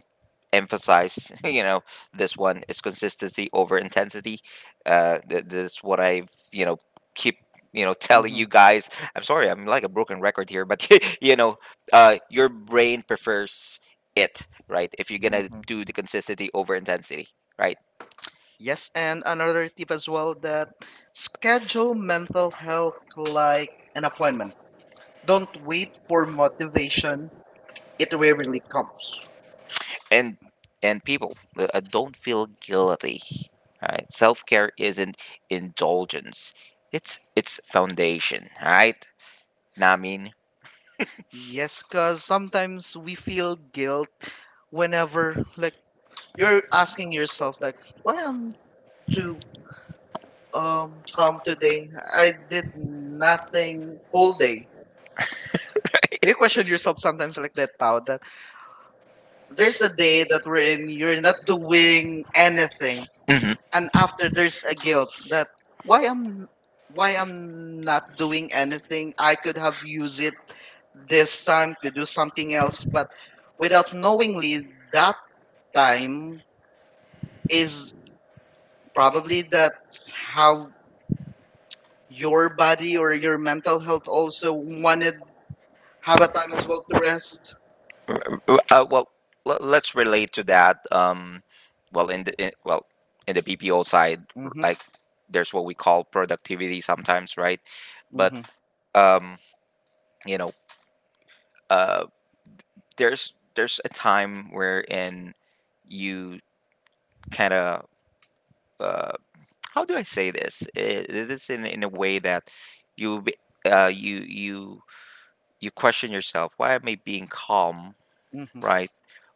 [SPEAKER 2] emphasize this one is consistency over intensity. That's what I've keep telling
[SPEAKER 1] hmm
[SPEAKER 2] you guys. I'm sorry, I'm like a broken record here, but you know, your brain prefers it, right? If you're gonna
[SPEAKER 1] hmm
[SPEAKER 2] do the consistency over intensity, right?
[SPEAKER 1] Yes, and another tip as well that schedule mental health like
[SPEAKER 2] Like
[SPEAKER 1] an
[SPEAKER 2] an appointment.
[SPEAKER 1] appointment.
[SPEAKER 2] Don't
[SPEAKER 1] Don't wait
[SPEAKER 2] wait
[SPEAKER 1] for
[SPEAKER 2] patient.
[SPEAKER 1] motivation;
[SPEAKER 2] It
[SPEAKER 1] it rarely
[SPEAKER 2] rarely
[SPEAKER 1] comes.
[SPEAKER 2] comes. and and people, don't feel guilty, right? Self-care isn't indulgence, it's foundation, right? Namin.
[SPEAKER 1] Yes,
[SPEAKER 2] Yes,
[SPEAKER 1] because sometimes we feel guilt whenever like
[SPEAKER 2] you're
[SPEAKER 1] you're
[SPEAKER 2] on
[SPEAKER 1] asking yourself
[SPEAKER 2] yourself.
[SPEAKER 1] like why
[SPEAKER 2] What
[SPEAKER 1] I
[SPEAKER 2] I
[SPEAKER 1] am
[SPEAKER 2] do?
[SPEAKER 1] do
[SPEAKER 2] um, Come
[SPEAKER 1] calm
[SPEAKER 2] today,
[SPEAKER 1] today.
[SPEAKER 2] I
[SPEAKER 1] I
[SPEAKER 2] did
[SPEAKER 1] did
[SPEAKER 2] nothing
[SPEAKER 1] nothing whole
[SPEAKER 2] whole day.
[SPEAKER 1] day. Do you
[SPEAKER 2] If
[SPEAKER 1] question yourself sometimes like that, Pao? That
[SPEAKER 2] there's
[SPEAKER 1] there's a
[SPEAKER 2] a day
[SPEAKER 1] day
[SPEAKER 2] that
[SPEAKER 1] that we're in,
[SPEAKER 2] rain,
[SPEAKER 1] you're not
[SPEAKER 2] wing,
[SPEAKER 1] doing
[SPEAKER 2] and
[SPEAKER 1] anything,
[SPEAKER 2] mm-hmm, and
[SPEAKER 1] and after there's a guilt that why I'm why I'm not doing anything. I could have used it this
[SPEAKER 2] this
[SPEAKER 1] time to do something else, but
[SPEAKER 2] without
[SPEAKER 1] without knowingly,
[SPEAKER 2] that
[SPEAKER 1] that
[SPEAKER 2] time
[SPEAKER 1] time is
[SPEAKER 2] is problems.
[SPEAKER 1] probably that
[SPEAKER 2] How
[SPEAKER 1] how your
[SPEAKER 2] your
[SPEAKER 1] body or your mental health
[SPEAKER 2] also
[SPEAKER 1] also wanted.
[SPEAKER 2] have
[SPEAKER 1] Have
[SPEAKER 2] a
[SPEAKER 1] a
[SPEAKER 2] time
[SPEAKER 1] time of
[SPEAKER 2] as well
[SPEAKER 1] love rest.
[SPEAKER 2] to. Well, let's relate to that. Well, in the BPO side,
[SPEAKER 1] Mhm.
[SPEAKER 2] like there's what we call productivity sometimes, right? But
[SPEAKER 1] Mhm.
[SPEAKER 2] um, you know, uh, there's a time wherein you kind of, uh, how do I say this? This in a way that you be- uh, you you you question yourself. Why am I being calm,
[SPEAKER 1] Mhm.
[SPEAKER 2] right?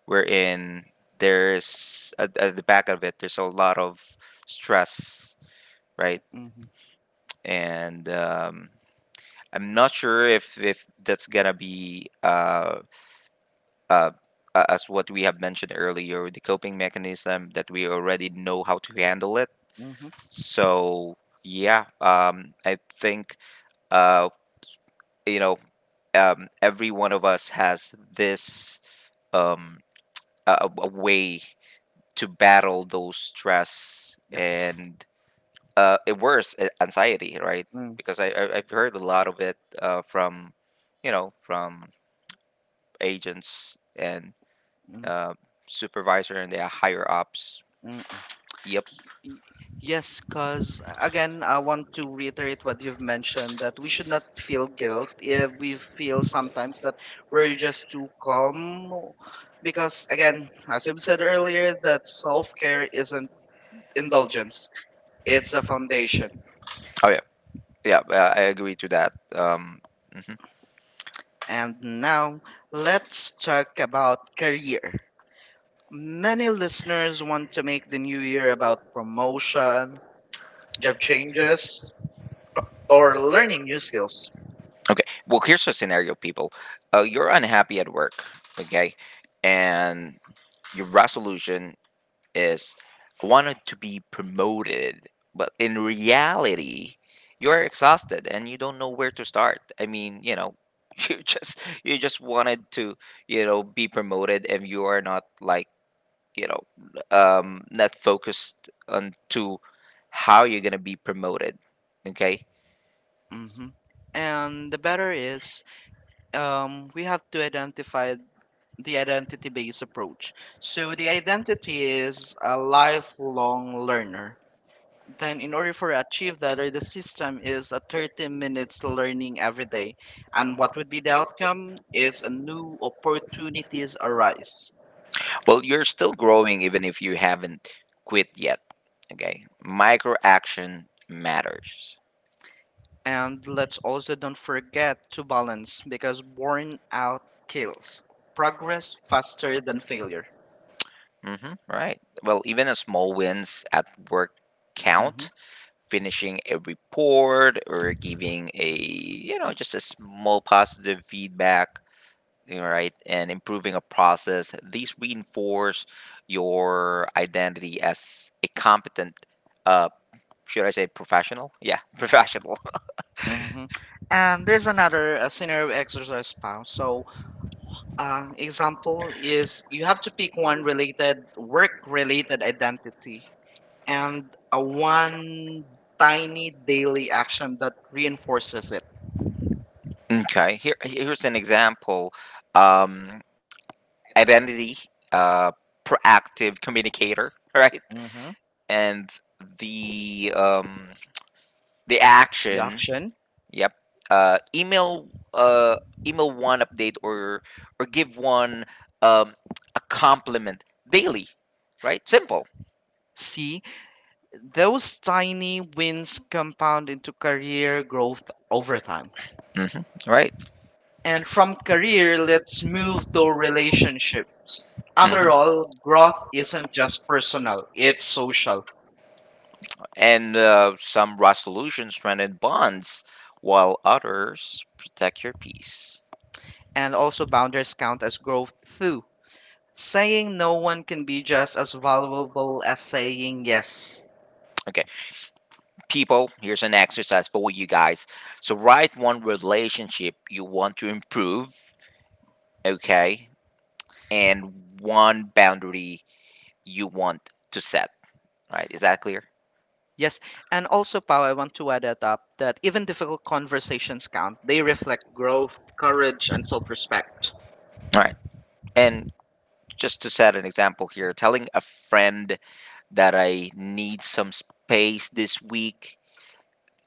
[SPEAKER 2] Wherein there's at the back of it, there's a lot of stress, right?
[SPEAKER 1] Mhm.
[SPEAKER 2] And I'm not sure if that's gonna be, uh, as what we have mentioned earlier, the coping mechanism that we already know how to handle it.
[SPEAKER 1] Mhm.
[SPEAKER 2] So yeah, I think uh, you know, every one of us has this, um, a way to battle those stress
[SPEAKER 1] Yeah.
[SPEAKER 2] and, it worse, anxiety, right?
[SPEAKER 1] Mm,
[SPEAKER 2] Because I've heard a lot of it, from you know from agents and,
[SPEAKER 1] mm,
[SPEAKER 2] uh, supervisor and their higher ups.
[SPEAKER 1] mm.
[SPEAKER 2] Yep.
[SPEAKER 1] Y- Yes, because again, I want to reiterate what you've mentioned that we should not feel
[SPEAKER 2] Kill
[SPEAKER 1] guilt if
[SPEAKER 2] if
[SPEAKER 1] we
[SPEAKER 2] you know
[SPEAKER 1] feel
[SPEAKER 2] some
[SPEAKER 1] sometimes that we're
[SPEAKER 2] version.
[SPEAKER 1] just too calm. Because
[SPEAKER 2] Because again
[SPEAKER 1] again, as we've
[SPEAKER 2] said
[SPEAKER 1] said
[SPEAKER 2] earlier
[SPEAKER 1] earlier, that self
[SPEAKER 2] healthcare
[SPEAKER 1] care
[SPEAKER 2] is
[SPEAKER 1] isn't
[SPEAKER 2] in the
[SPEAKER 1] indulgence,
[SPEAKER 2] it's
[SPEAKER 1] it's
[SPEAKER 2] a
[SPEAKER 1] a
[SPEAKER 2] foundation.
[SPEAKER 1] foundation.
[SPEAKER 2] Oh yeah, yeah. I agree to that. Mhm.
[SPEAKER 1] And now let's talk about career. Many listeners want to make the new
[SPEAKER 2] You
[SPEAKER 1] year
[SPEAKER 2] hear about
[SPEAKER 1] about
[SPEAKER 2] motion
[SPEAKER 1] promotion,
[SPEAKER 2] job
[SPEAKER 1] job changes,
[SPEAKER 2] changes or
[SPEAKER 1] or
[SPEAKER 2] learning
[SPEAKER 1] learning
[SPEAKER 2] new
[SPEAKER 1] new skills.
[SPEAKER 2] skills. Okay. Well, here's a scenario, people. You're unhappy at work, okay? And your resolution is I wanted to be promoted, but in reality, you're exhausted and you don't know where to start. I mean, you know, you just you just wanted to, you know, be promoted and you are not like, you know, not focused on to how you're going to be promoted, okay?
[SPEAKER 1] hmm And the better is we have to identify the identity based approach.
[SPEAKER 2] So
[SPEAKER 1] So,
[SPEAKER 2] the
[SPEAKER 1] the
[SPEAKER 2] idea
[SPEAKER 1] identity is a
[SPEAKER 2] of life
[SPEAKER 1] lifelong learner. Then, in order for achieve that, or the system is a 30 minutes learning every
[SPEAKER 2] everything.
[SPEAKER 1] day. And what would be the outcome is
[SPEAKER 2] Yes,
[SPEAKER 1] a new
[SPEAKER 2] opportunities
[SPEAKER 1] opportunities
[SPEAKER 2] arise.
[SPEAKER 1] arise.
[SPEAKER 2] Well, you're still growing even if you haven't quit yet. Okay. Micro action matters.
[SPEAKER 1] And let's also don't forget to balance because burnout out kills progress
[SPEAKER 2] Progress faster
[SPEAKER 1] faster
[SPEAKER 2] than.
[SPEAKER 1] than failure.
[SPEAKER 2] Mm-hmm. Right. Well, even a small wins at work
[SPEAKER 1] hmm
[SPEAKER 2] count. Finishing a report or giving a just a small positive feedback, all right, and improving a process. These reinforce your identity as a competent, uh, should I say professional? Yeah, professional.
[SPEAKER 1] hmm And there's another scenario exercise pound. So,
[SPEAKER 2] Uh, Example
[SPEAKER 1] example is
[SPEAKER 2] is you
[SPEAKER 1] you
[SPEAKER 2] have
[SPEAKER 1] have
[SPEAKER 2] to
[SPEAKER 1] to
[SPEAKER 2] pick
[SPEAKER 1] pick
[SPEAKER 2] one
[SPEAKER 1] one
[SPEAKER 2] related,
[SPEAKER 1] related work
[SPEAKER 2] related,
[SPEAKER 1] related identity
[SPEAKER 2] and
[SPEAKER 1] and a
[SPEAKER 2] a one
[SPEAKER 1] one tiny
[SPEAKER 2] tiny daily
[SPEAKER 1] daily
[SPEAKER 2] action.
[SPEAKER 1] action that reinforces it.
[SPEAKER 2] Okay, here here's an example. Um, Identity, uh, proactive communicator, right?
[SPEAKER 1] hmm
[SPEAKER 2] And the um, the
[SPEAKER 1] The
[SPEAKER 2] action.
[SPEAKER 1] action
[SPEAKER 2] Yep. Email uh, email one update or give one, um, a compliment daily, right? Simple.
[SPEAKER 1] C Those tiny wins compound into career growth over time.
[SPEAKER 2] Hmm Right.
[SPEAKER 1] And from career, let's
[SPEAKER 2] Move.
[SPEAKER 1] move to relationship.
[SPEAKER 2] After
[SPEAKER 1] After
[SPEAKER 2] hmm
[SPEAKER 1] all,
[SPEAKER 2] all,
[SPEAKER 1] growth isn't just
[SPEAKER 2] personal.
[SPEAKER 1] personal,
[SPEAKER 2] It's
[SPEAKER 1] it's
[SPEAKER 2] so.
[SPEAKER 1] social.
[SPEAKER 2] And some resolutions strengthen bonds, while others protect your peace.
[SPEAKER 1] And also, boundaries count as growth too. Saying no one can be just as valuable as saying yes.
[SPEAKER 2] Yes. Okay, people, here's an exercise for you guys. So write one relationship you want to improve. Okay, and one boundary you want to set, right? Is that clear?
[SPEAKER 1] Yes,
[SPEAKER 2] Yes,
[SPEAKER 1] and also, Pao, I want to add that up that even difficult conversations count. They reflect growth,
[SPEAKER 2] courage,
[SPEAKER 1] courage, and
[SPEAKER 2] self
[SPEAKER 1] self
[SPEAKER 2] respect.
[SPEAKER 1] respect.
[SPEAKER 2] All right. And just to set an example here, telling a friend that I need some space this week,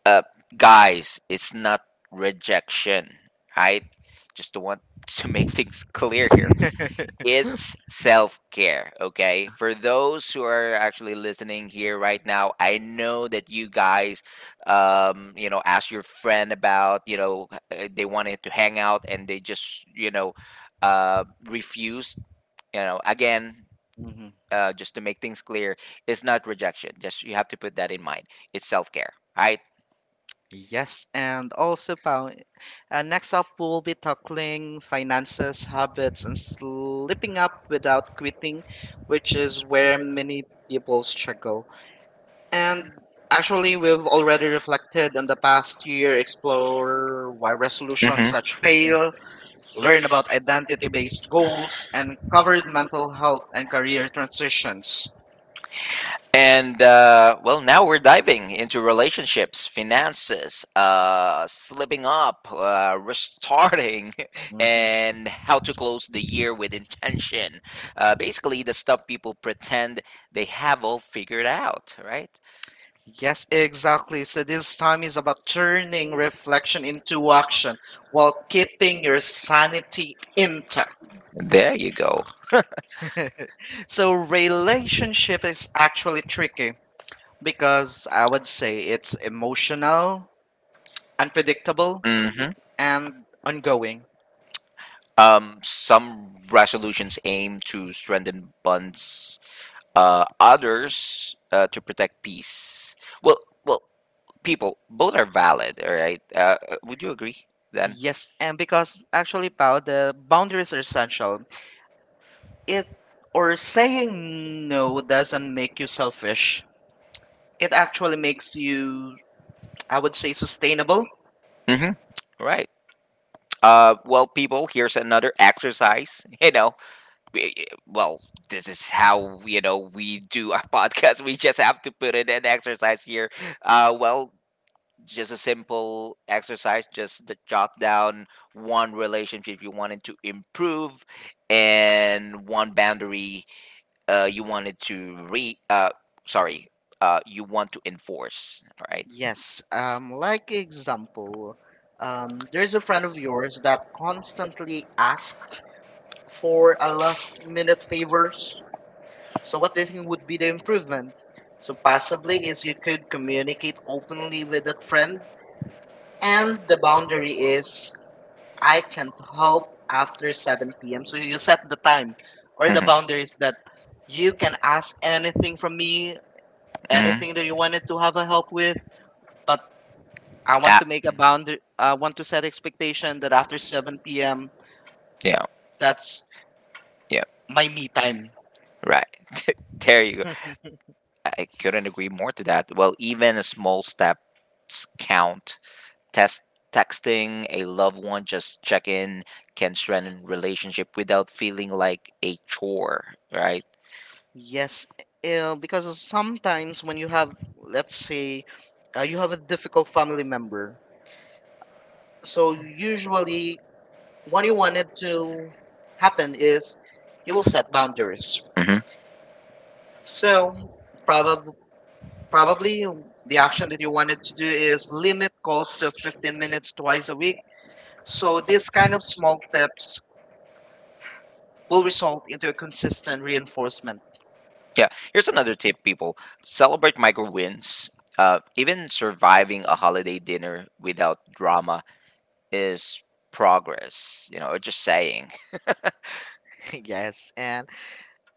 [SPEAKER 2] uh, guys, it's not rejection, right? Just to want to make things clear, it's self care, okay? For those who are actually listening here right now, I know that you guys, you know, ask your friend about, you know, they wanted to hang out and they just, you know, refused. You know, again, just to make things clear, it's not rejection. Just you have to put that in mind. It's self care, right?
[SPEAKER 1] Yes, and also, Pao, next up, we'll be tackling finances, habits, and slipping up without quitting, which
[SPEAKER 2] Which
[SPEAKER 1] is
[SPEAKER 2] is
[SPEAKER 1] where
[SPEAKER 2] where
[SPEAKER 1] many people
[SPEAKER 2] people's trick.
[SPEAKER 1] struggle.
[SPEAKER 2] And
[SPEAKER 1] And actually,
[SPEAKER 2] actually,
[SPEAKER 1] we've already reflected on the
[SPEAKER 2] the
[SPEAKER 1] past
[SPEAKER 2] past year,
[SPEAKER 1] year,
[SPEAKER 2] explore
[SPEAKER 1] explore why
[SPEAKER 2] solutions. Mm-hmm.
[SPEAKER 1] resolutions such
[SPEAKER 2] Such fail,
[SPEAKER 1] fail, learn about identity
[SPEAKER 2] based
[SPEAKER 1] based goals,
[SPEAKER 2] goals,
[SPEAKER 1] and covered
[SPEAKER 2] mental
[SPEAKER 1] mental health and
[SPEAKER 2] career
[SPEAKER 1] career transitions.
[SPEAKER 2] transitions. And well, now we're diving into relationships, finances, slipping up, restarting,
[SPEAKER 1] Mhm.
[SPEAKER 2] and how to close the year with intention. Basically, the stuff people pretend they have all figured out, right?
[SPEAKER 1] Yes, exactly. So this time is about turning reflection into
[SPEAKER 2] Action
[SPEAKER 1] action while
[SPEAKER 2] while
[SPEAKER 1] keeping
[SPEAKER 2] keeping your
[SPEAKER 1] your
[SPEAKER 2] sanity
[SPEAKER 1] sanity
[SPEAKER 2] in.
[SPEAKER 1] intact.
[SPEAKER 2] There you go.
[SPEAKER 1] So relationship is actually tricky because I would say it's emotional, unpredictable,
[SPEAKER 2] Hmm
[SPEAKER 1] and ongoing.
[SPEAKER 2] Some resolutions aim to strengthen bonds, others to protect peace. Well, well, people, both are valid, all right? Would you agree then?
[SPEAKER 1] Yes, and because actually, Pao, the boundaries are essential. It Or saying no doesn't make you selfish. It actually makes you, I would say, sustainable.
[SPEAKER 2] Mm-hmm. Right. Well, people, here's another exercise. You know, well, this is how you know we do our podcast. We just have to put in an exercise here. Well, just a simple exercise. Just to jot down one relationship you wanted to improve and one boundary, you wanted to re sorry, you want to enforce, all right.
[SPEAKER 1] Yes, like example, there's
[SPEAKER 2] There's a
[SPEAKER 1] a friend
[SPEAKER 2] friend
[SPEAKER 1] of
[SPEAKER 2] of
[SPEAKER 1] yours
[SPEAKER 2] yours
[SPEAKER 1] that
[SPEAKER 2] that constantly
[SPEAKER 1] constantly asks
[SPEAKER 2] asks for
[SPEAKER 1] for a
[SPEAKER 2] a
[SPEAKER 1] last
[SPEAKER 2] last
[SPEAKER 1] minute
[SPEAKER 2] minute
[SPEAKER 1] favors.
[SPEAKER 2] favors. So
[SPEAKER 1] So what
[SPEAKER 2] what
[SPEAKER 1] do you
[SPEAKER 2] did
[SPEAKER 1] think would be
[SPEAKER 2] we
[SPEAKER 1] the
[SPEAKER 2] do?
[SPEAKER 1] improvement?
[SPEAKER 2] So
[SPEAKER 1] So
[SPEAKER 2] passively
[SPEAKER 1] possibly is
[SPEAKER 2] is you
[SPEAKER 1] you could
[SPEAKER 2] communicate
[SPEAKER 1] communicate
[SPEAKER 2] openly
[SPEAKER 1] openly
[SPEAKER 2] with
[SPEAKER 1] with
[SPEAKER 2] that
[SPEAKER 1] that
[SPEAKER 2] friend,
[SPEAKER 1] friend,
[SPEAKER 2] and
[SPEAKER 1] and the
[SPEAKER 2] the boundary
[SPEAKER 1] boundary is
[SPEAKER 2] is I
[SPEAKER 1] I
[SPEAKER 2] can
[SPEAKER 1] can't help
[SPEAKER 2] help after
[SPEAKER 1] after
[SPEAKER 2] second.
[SPEAKER 1] 7 p.m.
[SPEAKER 2] So
[SPEAKER 1] So
[SPEAKER 2] you
[SPEAKER 1] you
[SPEAKER 2] said
[SPEAKER 1] set the time
[SPEAKER 2] or
[SPEAKER 1] or
[SPEAKER 2] the.
[SPEAKER 1] the
[SPEAKER 2] Mhm. Bound
[SPEAKER 1] boundaries that
[SPEAKER 2] you
[SPEAKER 1] you
[SPEAKER 2] can
[SPEAKER 1] can ask
[SPEAKER 2] ask anything
[SPEAKER 1] anything
[SPEAKER 2] from
[SPEAKER 1] from me,
[SPEAKER 2] me, mhm, anything
[SPEAKER 1] anything
[SPEAKER 2] that
[SPEAKER 1] that
[SPEAKER 2] you
[SPEAKER 1] you
[SPEAKER 2] wanted,
[SPEAKER 1] wanted to have a help with,
[SPEAKER 2] but
[SPEAKER 1] but
[SPEAKER 2] I
[SPEAKER 1] I
[SPEAKER 2] want. Ah,
[SPEAKER 1] want
[SPEAKER 2] to
[SPEAKER 1] to
[SPEAKER 2] make
[SPEAKER 1] make a boundary. I want to set expectation that after 7 p.m.
[SPEAKER 2] yeah
[SPEAKER 1] that's
[SPEAKER 2] that's. Yeah. My.
[SPEAKER 1] my me time.
[SPEAKER 2] Right. There you go. I couldn't agree more to that. Well, even small steps count. Test texting a loved one just check in can strengthen relationship without feeling like a chore, right?
[SPEAKER 1] Yes, because sometimes when you have, let's say, you have a difficult family member, so
[SPEAKER 2] So usually,
[SPEAKER 1] usually
[SPEAKER 2] what
[SPEAKER 1] what
[SPEAKER 2] you
[SPEAKER 1] you
[SPEAKER 2] want
[SPEAKER 1] wanted
[SPEAKER 2] it to
[SPEAKER 1] to
[SPEAKER 2] happen
[SPEAKER 1] happen is
[SPEAKER 2] is you
[SPEAKER 1] you
[SPEAKER 2] will
[SPEAKER 1] will
[SPEAKER 2] set
[SPEAKER 1] set boundaries.
[SPEAKER 2] boundaries. Hmm
[SPEAKER 1] So
[SPEAKER 2] So probably,
[SPEAKER 1] probably
[SPEAKER 2] probably
[SPEAKER 1] probably
[SPEAKER 2] the
[SPEAKER 1] the
[SPEAKER 2] action
[SPEAKER 1] action
[SPEAKER 2] that
[SPEAKER 1] that
[SPEAKER 2] you
[SPEAKER 1] you wanted
[SPEAKER 2] wanted to
[SPEAKER 1] to
[SPEAKER 2] do
[SPEAKER 1] do is
[SPEAKER 2] is
[SPEAKER 1] limit calls to
[SPEAKER 2] 10
[SPEAKER 1] 15
[SPEAKER 2] minutes
[SPEAKER 1] minutes twice
[SPEAKER 2] twice.
[SPEAKER 1] a week.
[SPEAKER 2] So
[SPEAKER 1] So these
[SPEAKER 2] these kind
[SPEAKER 1] kind
[SPEAKER 2] of
[SPEAKER 1] of
[SPEAKER 2] small
[SPEAKER 1] small
[SPEAKER 2] tips
[SPEAKER 1] steps will
[SPEAKER 2] will result.
[SPEAKER 1] result into a consistent reinforcement.
[SPEAKER 2] Yeah, here's another tip, people. Celebrate micro wins. Even surviving a holiday dinner without drama is progress. You know, or just saying.
[SPEAKER 1] Yes, and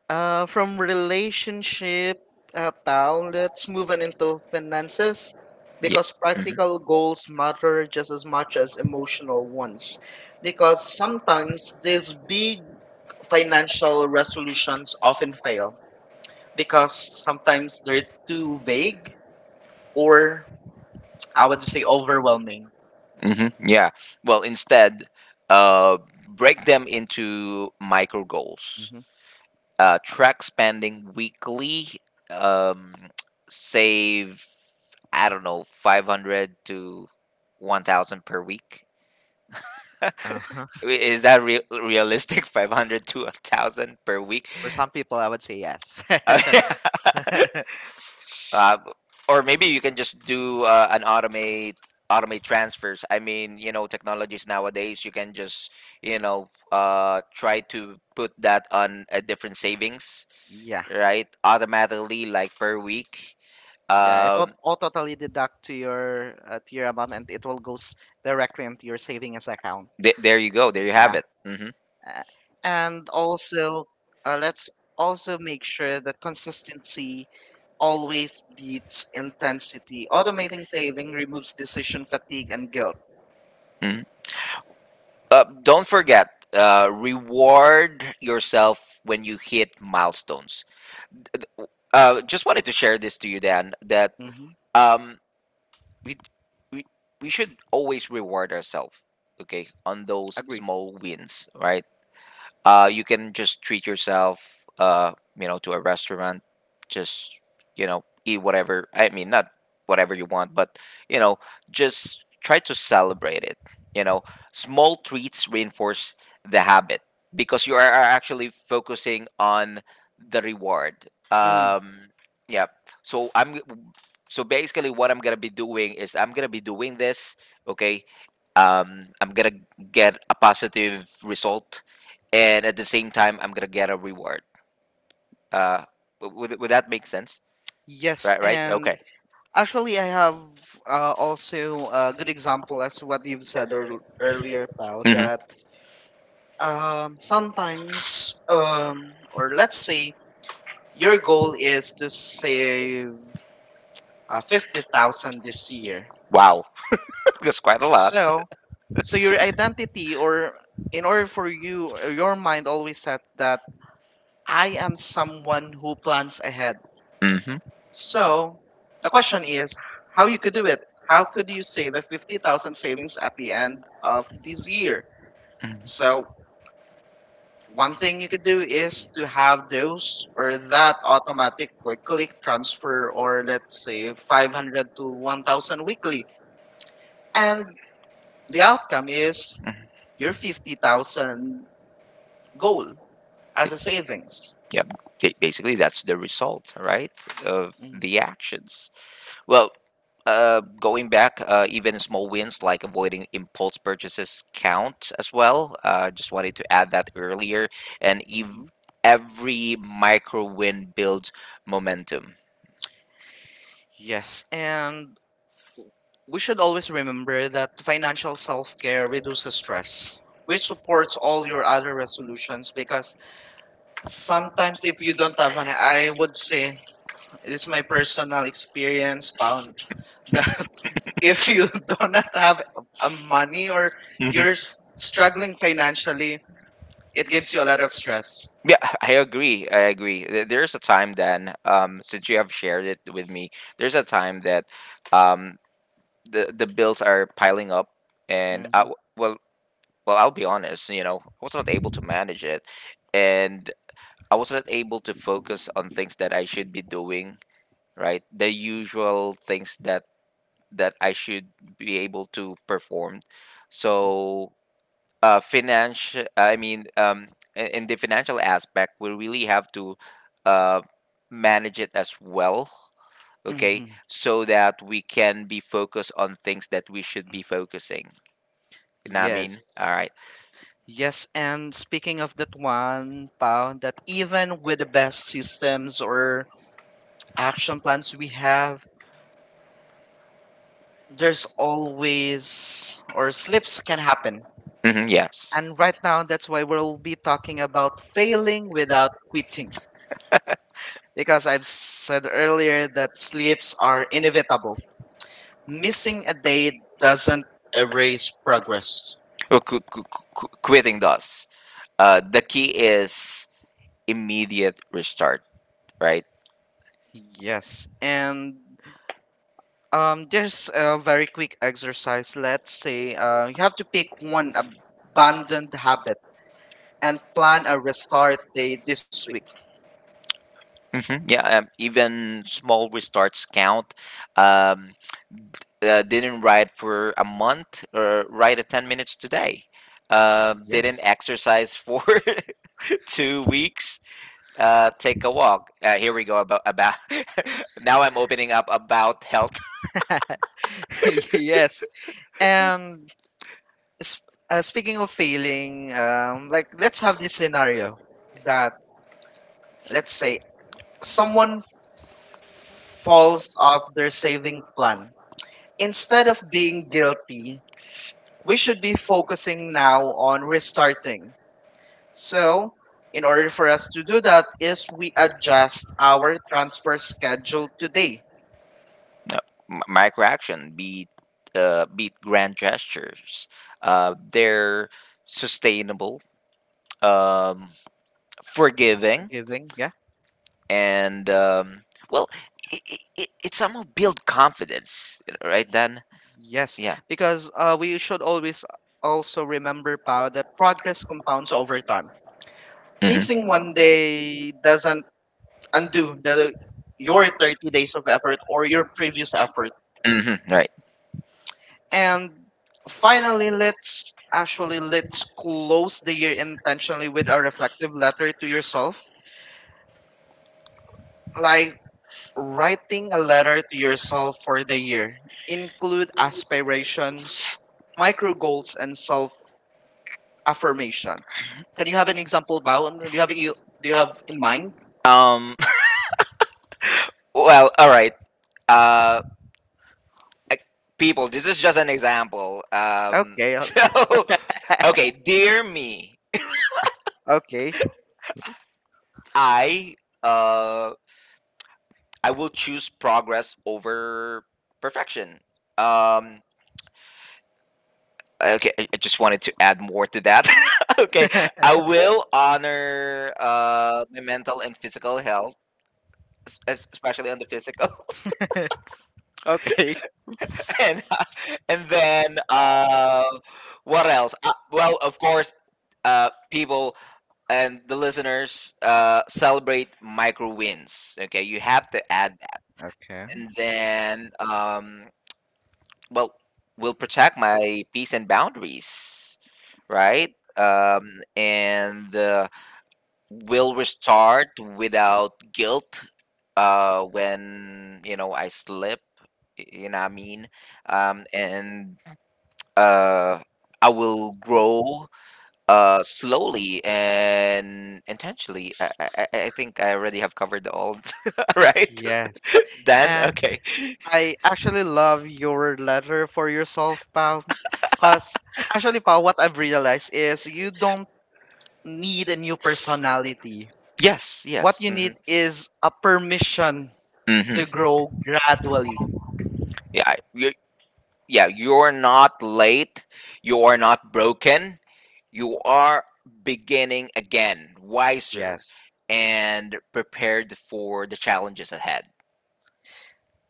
[SPEAKER 1] from relationship, pal, let's move
[SPEAKER 2] Proven
[SPEAKER 1] on into
[SPEAKER 2] influences.
[SPEAKER 1] finances
[SPEAKER 2] Yeah,
[SPEAKER 1] because
[SPEAKER 2] because
[SPEAKER 1] practical goals matter just as much as
[SPEAKER 2] it's emotional
[SPEAKER 1] emotional ones.
[SPEAKER 2] ones.
[SPEAKER 1] Because
[SPEAKER 2] Because
[SPEAKER 1] sometimes
[SPEAKER 2] sometimes
[SPEAKER 1] these
[SPEAKER 2] these
[SPEAKER 1] big
[SPEAKER 2] financial
[SPEAKER 1] financial resolutions
[SPEAKER 2] resolutions
[SPEAKER 1] often
[SPEAKER 2] fail
[SPEAKER 1] fail because
[SPEAKER 2] because
[SPEAKER 1] sometimes
[SPEAKER 2] sometimes they're
[SPEAKER 1] they're
[SPEAKER 2] too
[SPEAKER 1] too
[SPEAKER 2] vague
[SPEAKER 1] vague
[SPEAKER 2] or
[SPEAKER 1] or
[SPEAKER 2] I
[SPEAKER 1] I
[SPEAKER 2] would
[SPEAKER 1] would
[SPEAKER 2] say
[SPEAKER 1] say
[SPEAKER 2] overwhelming.
[SPEAKER 1] overwhelming.
[SPEAKER 2] Hmm yeah. Well, instead, uh, break them into micro goals.
[SPEAKER 1] Hmm.
[SPEAKER 2] Track spending weekly, um, save I don't know 500 to 1000 per week.
[SPEAKER 1] Uh-huh.
[SPEAKER 2] Is that realistic? 500 to 1000 per week.
[SPEAKER 1] For some people, I would say yes.
[SPEAKER 2] Uh, uh, or maybe you can just do an automate automate transfers. I mean you know technologies nowadays you can just you know try to put that on a different savings,
[SPEAKER 1] Yeah.
[SPEAKER 2] right, automatically like per week.
[SPEAKER 1] Yeah, it will
[SPEAKER 2] Um,
[SPEAKER 1] automatically deduct to your amount, and it will go directly into your savings account.
[SPEAKER 2] there you go. There you have
[SPEAKER 1] Yeah,
[SPEAKER 2] it. Hmm
[SPEAKER 1] uh, and also let's also make sure that consistency always beats intensity. Automating saving removes decision fatigue and guilt.
[SPEAKER 2] hmm Don't forget, reward yourself when you hit milestones. Just wanted to share this to you, Dan, that
[SPEAKER 1] Hmm.
[SPEAKER 2] um, we, we, we should always reward ourselves, okay, on those
[SPEAKER 1] Agree.
[SPEAKER 2] small wins, right? You can just treat yourself, you know, to a restaurant. Just you know, eat whatever. I mean, not whatever you want, but you know, just try to celebrate it. You know, small treats reinforce the habit because you are actually focusing on the reward.
[SPEAKER 1] Mm,
[SPEAKER 2] Yeah. So I'm. So basically, what I'm gonna be doing is I'm gonna be doing this. Okay. I'm gonna get a positive result and at the same time I'm gonna get a reward. Uh, would that make sense?
[SPEAKER 1] yes,
[SPEAKER 2] Right, right.
[SPEAKER 1] and
[SPEAKER 2] Okay.
[SPEAKER 1] actually, I have also a good example as what you've said earlier, Pao,
[SPEAKER 2] hmm
[SPEAKER 1] that. Sometimes
[SPEAKER 2] um,
[SPEAKER 1] or let's
[SPEAKER 2] let's say
[SPEAKER 1] say
[SPEAKER 2] your
[SPEAKER 1] your
[SPEAKER 2] goal
[SPEAKER 1] goal
[SPEAKER 2] is
[SPEAKER 1] is
[SPEAKER 2] to
[SPEAKER 1] to
[SPEAKER 2] save
[SPEAKER 1] save
[SPEAKER 2] uh, 50,000
[SPEAKER 1] 50,000 this
[SPEAKER 2] this year.
[SPEAKER 1] year.
[SPEAKER 2] Wow, that's quite a lot.
[SPEAKER 1] So so your identity or in order for you your mind always said that I
[SPEAKER 2] So,
[SPEAKER 1] am someone who plans ahead.
[SPEAKER 2] hmm so
[SPEAKER 1] So
[SPEAKER 2] the
[SPEAKER 1] the
[SPEAKER 2] question
[SPEAKER 1] question is how you could do it.
[SPEAKER 2] how
[SPEAKER 1] How
[SPEAKER 2] can
[SPEAKER 1] could
[SPEAKER 2] you
[SPEAKER 1] you save
[SPEAKER 2] save
[SPEAKER 1] a
[SPEAKER 2] it
[SPEAKER 1] 50,000 savings
[SPEAKER 2] at
[SPEAKER 1] at the
[SPEAKER 2] the end
[SPEAKER 1] end of
[SPEAKER 2] of this
[SPEAKER 1] this
[SPEAKER 2] year?
[SPEAKER 1] year?
[SPEAKER 2] Mhm. So,
[SPEAKER 1] So
[SPEAKER 2] one
[SPEAKER 1] one
[SPEAKER 2] thing
[SPEAKER 1] thing
[SPEAKER 2] you
[SPEAKER 1] you
[SPEAKER 2] could
[SPEAKER 1] could
[SPEAKER 2] do
[SPEAKER 1] do
[SPEAKER 2] is
[SPEAKER 1] is
[SPEAKER 2] to
[SPEAKER 1] to
[SPEAKER 2] have
[SPEAKER 1] have those
[SPEAKER 2] those
[SPEAKER 1] or
[SPEAKER 2] or that
[SPEAKER 1] that
[SPEAKER 2] automatically
[SPEAKER 1] automatic quick click
[SPEAKER 2] click
[SPEAKER 1] transfer
[SPEAKER 2] for all,
[SPEAKER 1] or let's
[SPEAKER 2] say,
[SPEAKER 1] say
[SPEAKER 2] five.
[SPEAKER 1] 500 to 1,000 weekly.
[SPEAKER 2] And
[SPEAKER 1] And
[SPEAKER 2] the
[SPEAKER 1] the
[SPEAKER 2] other.
[SPEAKER 1] outcome is
[SPEAKER 2] Mhm. Your
[SPEAKER 1] your
[SPEAKER 2] 50,000
[SPEAKER 1] 50,000
[SPEAKER 2] goal
[SPEAKER 1] goal
[SPEAKER 2] as
[SPEAKER 1] as
[SPEAKER 2] a
[SPEAKER 1] a savings.
[SPEAKER 2] savings. Yep. Basically, that's the result, right, of
[SPEAKER 1] Mm.
[SPEAKER 2] the actions. Well, going back, even small wins like avoiding impulse purchases count as well. Just wanted to add that earlier. And
[SPEAKER 1] Mm-hmm.
[SPEAKER 2] ev- every micro win builds momentum.
[SPEAKER 1] Yes, and we should always remember that financial self care
[SPEAKER 2] Reduce the
[SPEAKER 1] reduces stress,
[SPEAKER 2] stress,
[SPEAKER 1] which
[SPEAKER 2] which of
[SPEAKER 1] supports
[SPEAKER 2] all
[SPEAKER 1] all
[SPEAKER 2] your
[SPEAKER 1] your
[SPEAKER 2] other
[SPEAKER 1] other resolutions.
[SPEAKER 2] solutions,
[SPEAKER 1] Because
[SPEAKER 2] some
[SPEAKER 1] sometimes, if you don't have money, I
[SPEAKER 2] I would
[SPEAKER 1] would
[SPEAKER 2] say
[SPEAKER 1] say
[SPEAKER 2] this is
[SPEAKER 1] it's
[SPEAKER 2] my
[SPEAKER 1] my
[SPEAKER 2] personal
[SPEAKER 1] personal experience,
[SPEAKER 2] experience.
[SPEAKER 1] Paul. That if
[SPEAKER 2] If you
[SPEAKER 1] you do not have a
[SPEAKER 2] money
[SPEAKER 1] money
[SPEAKER 2] or
[SPEAKER 1] or you're
[SPEAKER 2] you're, mhm, struck,
[SPEAKER 1] struggling financially, it
[SPEAKER 2] it
[SPEAKER 1] gives you a lot of stress.
[SPEAKER 2] gets. Yeah, I agree. I agree. There's a time then, since you have shared it with me, there's a time that, um, the bills are piling up, and
[SPEAKER 1] hmm
[SPEAKER 2] I w well, well, I'll be honest. You know, I was not able to manage it, and I was not able to focus on things that I should be doing. Right, the usual things that I should be able to perform. So financial in the financial aspect we really have to, uh, manage it as well, okay,
[SPEAKER 1] hmm
[SPEAKER 2] so that we can be focused on things that we should be focusing, you know what I
[SPEAKER 1] Yes.
[SPEAKER 2] mean, all right.
[SPEAKER 1] Yes, and speaking of that one, Pao, that even with the best systems or action
[SPEAKER 2] Action
[SPEAKER 1] plans we have, there's always
[SPEAKER 2] does or
[SPEAKER 1] or slips
[SPEAKER 2] can
[SPEAKER 1] can
[SPEAKER 2] happen.
[SPEAKER 1] happen.
[SPEAKER 2] Mm-hmm, yes and
[SPEAKER 1] And right now, that's why we'll be talking about failing
[SPEAKER 2] without
[SPEAKER 1] without quitting.
[SPEAKER 2] it
[SPEAKER 1] Because I've said earlier that slips are
[SPEAKER 2] or innovate
[SPEAKER 1] inevitable.
[SPEAKER 2] miss
[SPEAKER 1] Missing a day doesn't
[SPEAKER 2] a
[SPEAKER 1] erase progress.
[SPEAKER 2] rest. Well, quitting does, the key is immediate restart, right?
[SPEAKER 1] Yes, and there's a very quick exercise. Let's say you have to pick
[SPEAKER 2] One
[SPEAKER 1] one
[SPEAKER 2] abandoned
[SPEAKER 1] abandoned
[SPEAKER 2] habit.
[SPEAKER 1] habit
[SPEAKER 2] And
[SPEAKER 1] and
[SPEAKER 2] plan
[SPEAKER 1] plan a
[SPEAKER 2] a
[SPEAKER 1] restart
[SPEAKER 2] restart
[SPEAKER 1] day
[SPEAKER 2] day
[SPEAKER 1] this
[SPEAKER 2] this
[SPEAKER 1] week.
[SPEAKER 2] week. Hmm Yeah, even small restarts count. Um, didn't ride for a month or ride a 10 minutes today. Didn't
[SPEAKER 1] Yes.
[SPEAKER 2] exercise for 2 weeks. Take a walk. Here we go about about. now I'm opening up about health.
[SPEAKER 1] Yes. And s- speaking of failing, like let's have this
[SPEAKER 2] Scenario
[SPEAKER 1] scenario
[SPEAKER 2] that,
[SPEAKER 1] that
[SPEAKER 2] let's
[SPEAKER 1] let's say
[SPEAKER 2] say, someone
[SPEAKER 1] someone falls
[SPEAKER 2] falls
[SPEAKER 1] off
[SPEAKER 2] off
[SPEAKER 1] their
[SPEAKER 2] a living
[SPEAKER 1] saving
[SPEAKER 2] plan.
[SPEAKER 1] plan.
[SPEAKER 2] Instead,
[SPEAKER 1] Instead of being guilty,
[SPEAKER 2] we
[SPEAKER 1] we
[SPEAKER 2] should
[SPEAKER 1] should be
[SPEAKER 2] be
[SPEAKER 1] focusing
[SPEAKER 2] now
[SPEAKER 1] now on
[SPEAKER 2] on risk.
[SPEAKER 1] restarting.
[SPEAKER 2] So,
[SPEAKER 1] So,
[SPEAKER 2] in
[SPEAKER 1] in
[SPEAKER 2] order
[SPEAKER 1] order for us
[SPEAKER 2] to
[SPEAKER 1] to
[SPEAKER 2] do
[SPEAKER 1] do that
[SPEAKER 2] that
[SPEAKER 1] is we adjust our
[SPEAKER 2] our
[SPEAKER 1] transfer
[SPEAKER 2] schedule.
[SPEAKER 1] schedule today.
[SPEAKER 2] No, micro action beat, beat grand gestures, they're sustainable, um, forgiving
[SPEAKER 1] Forgiving, yeah.
[SPEAKER 2] and well it, it somehow build confidence right then. Yes,
[SPEAKER 1] Yes,
[SPEAKER 2] yeah
[SPEAKER 1] because we should always also remember, Pao, that progress
[SPEAKER 2] it's
[SPEAKER 1] compounds
[SPEAKER 2] compounds over.
[SPEAKER 1] over time.
[SPEAKER 2] Hmm Facing
[SPEAKER 1] Missing
[SPEAKER 2] one
[SPEAKER 1] one
[SPEAKER 2] day
[SPEAKER 1] day
[SPEAKER 2] doesn't
[SPEAKER 1] doesn't
[SPEAKER 2] undo
[SPEAKER 1] undo the,
[SPEAKER 2] your
[SPEAKER 1] your
[SPEAKER 2] time.
[SPEAKER 1] 30 days of effort or your previous effort.
[SPEAKER 2] Hmm right
[SPEAKER 1] And
[SPEAKER 2] finally
[SPEAKER 1] finally, let's
[SPEAKER 2] actually
[SPEAKER 1] actually let's close the year intentionally
[SPEAKER 2] with
[SPEAKER 1] with
[SPEAKER 2] a
[SPEAKER 1] a reflective letter to yourself.
[SPEAKER 2] reply
[SPEAKER 1] Like
[SPEAKER 2] write
[SPEAKER 1] writing
[SPEAKER 2] a
[SPEAKER 1] a
[SPEAKER 2] letter
[SPEAKER 1] letter
[SPEAKER 2] to
[SPEAKER 1] to
[SPEAKER 2] yourself
[SPEAKER 1] yourself for the year.
[SPEAKER 2] includes
[SPEAKER 1] Include aspirations,
[SPEAKER 2] my.
[SPEAKER 1] micro goals, and self affirmation. Can you have an example, Bao? Do you have you
[SPEAKER 2] Do
[SPEAKER 1] do
[SPEAKER 2] you
[SPEAKER 1] you
[SPEAKER 2] have
[SPEAKER 1] have
[SPEAKER 2] in
[SPEAKER 1] in
[SPEAKER 2] mind?
[SPEAKER 1] mind?
[SPEAKER 2] Um. Well, all right. Uh, People, this is just an example.
[SPEAKER 1] Okay,
[SPEAKER 2] So, okay, dear me,
[SPEAKER 1] okay,
[SPEAKER 2] I uh I will choose progress over perfection. Um. Okay, I just wanted to add more to that. okay,
[SPEAKER 1] okay,
[SPEAKER 2] I will honor my mental and physical health, especially on the physical,
[SPEAKER 1] okay.
[SPEAKER 2] and and then what else? Well, of course, people and the listeners, celebrate micro wins. Okay, you have to add that,
[SPEAKER 1] Okay.
[SPEAKER 2] and then well, will protect my peace and boundaries, right? And will restart without guilt, when you know I slip. You know what I mean? And uh, I will grow, slowly and intentionally. I think I already have covered all, right? Dan,
[SPEAKER 1] Yes.
[SPEAKER 2] okay.
[SPEAKER 1] I actually love your letter for yourself, Pao. Because actually, Pao, what I've realized is you don't need a new personality.
[SPEAKER 2] Yes,
[SPEAKER 1] What
[SPEAKER 2] yes.
[SPEAKER 1] you need is a permission
[SPEAKER 2] hmm
[SPEAKER 1] to grow gradually.
[SPEAKER 2] Yeah, you, yeah. You're not late. You are not broken. You are beginning again,
[SPEAKER 1] Yes.
[SPEAKER 2] wiser and prepared for the challenges ahead.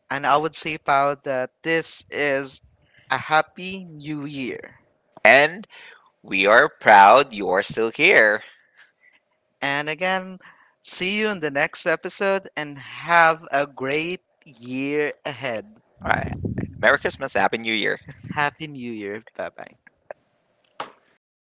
[SPEAKER 1] And I would say, Pao, that this is a Happy New Year.
[SPEAKER 2] And we are proud you are still here.
[SPEAKER 1] And again, see you in the next episode and have a great year ahead.
[SPEAKER 2] All right. Merry Christmas. Happy New Year.
[SPEAKER 1] Happy New Year. Bye bye.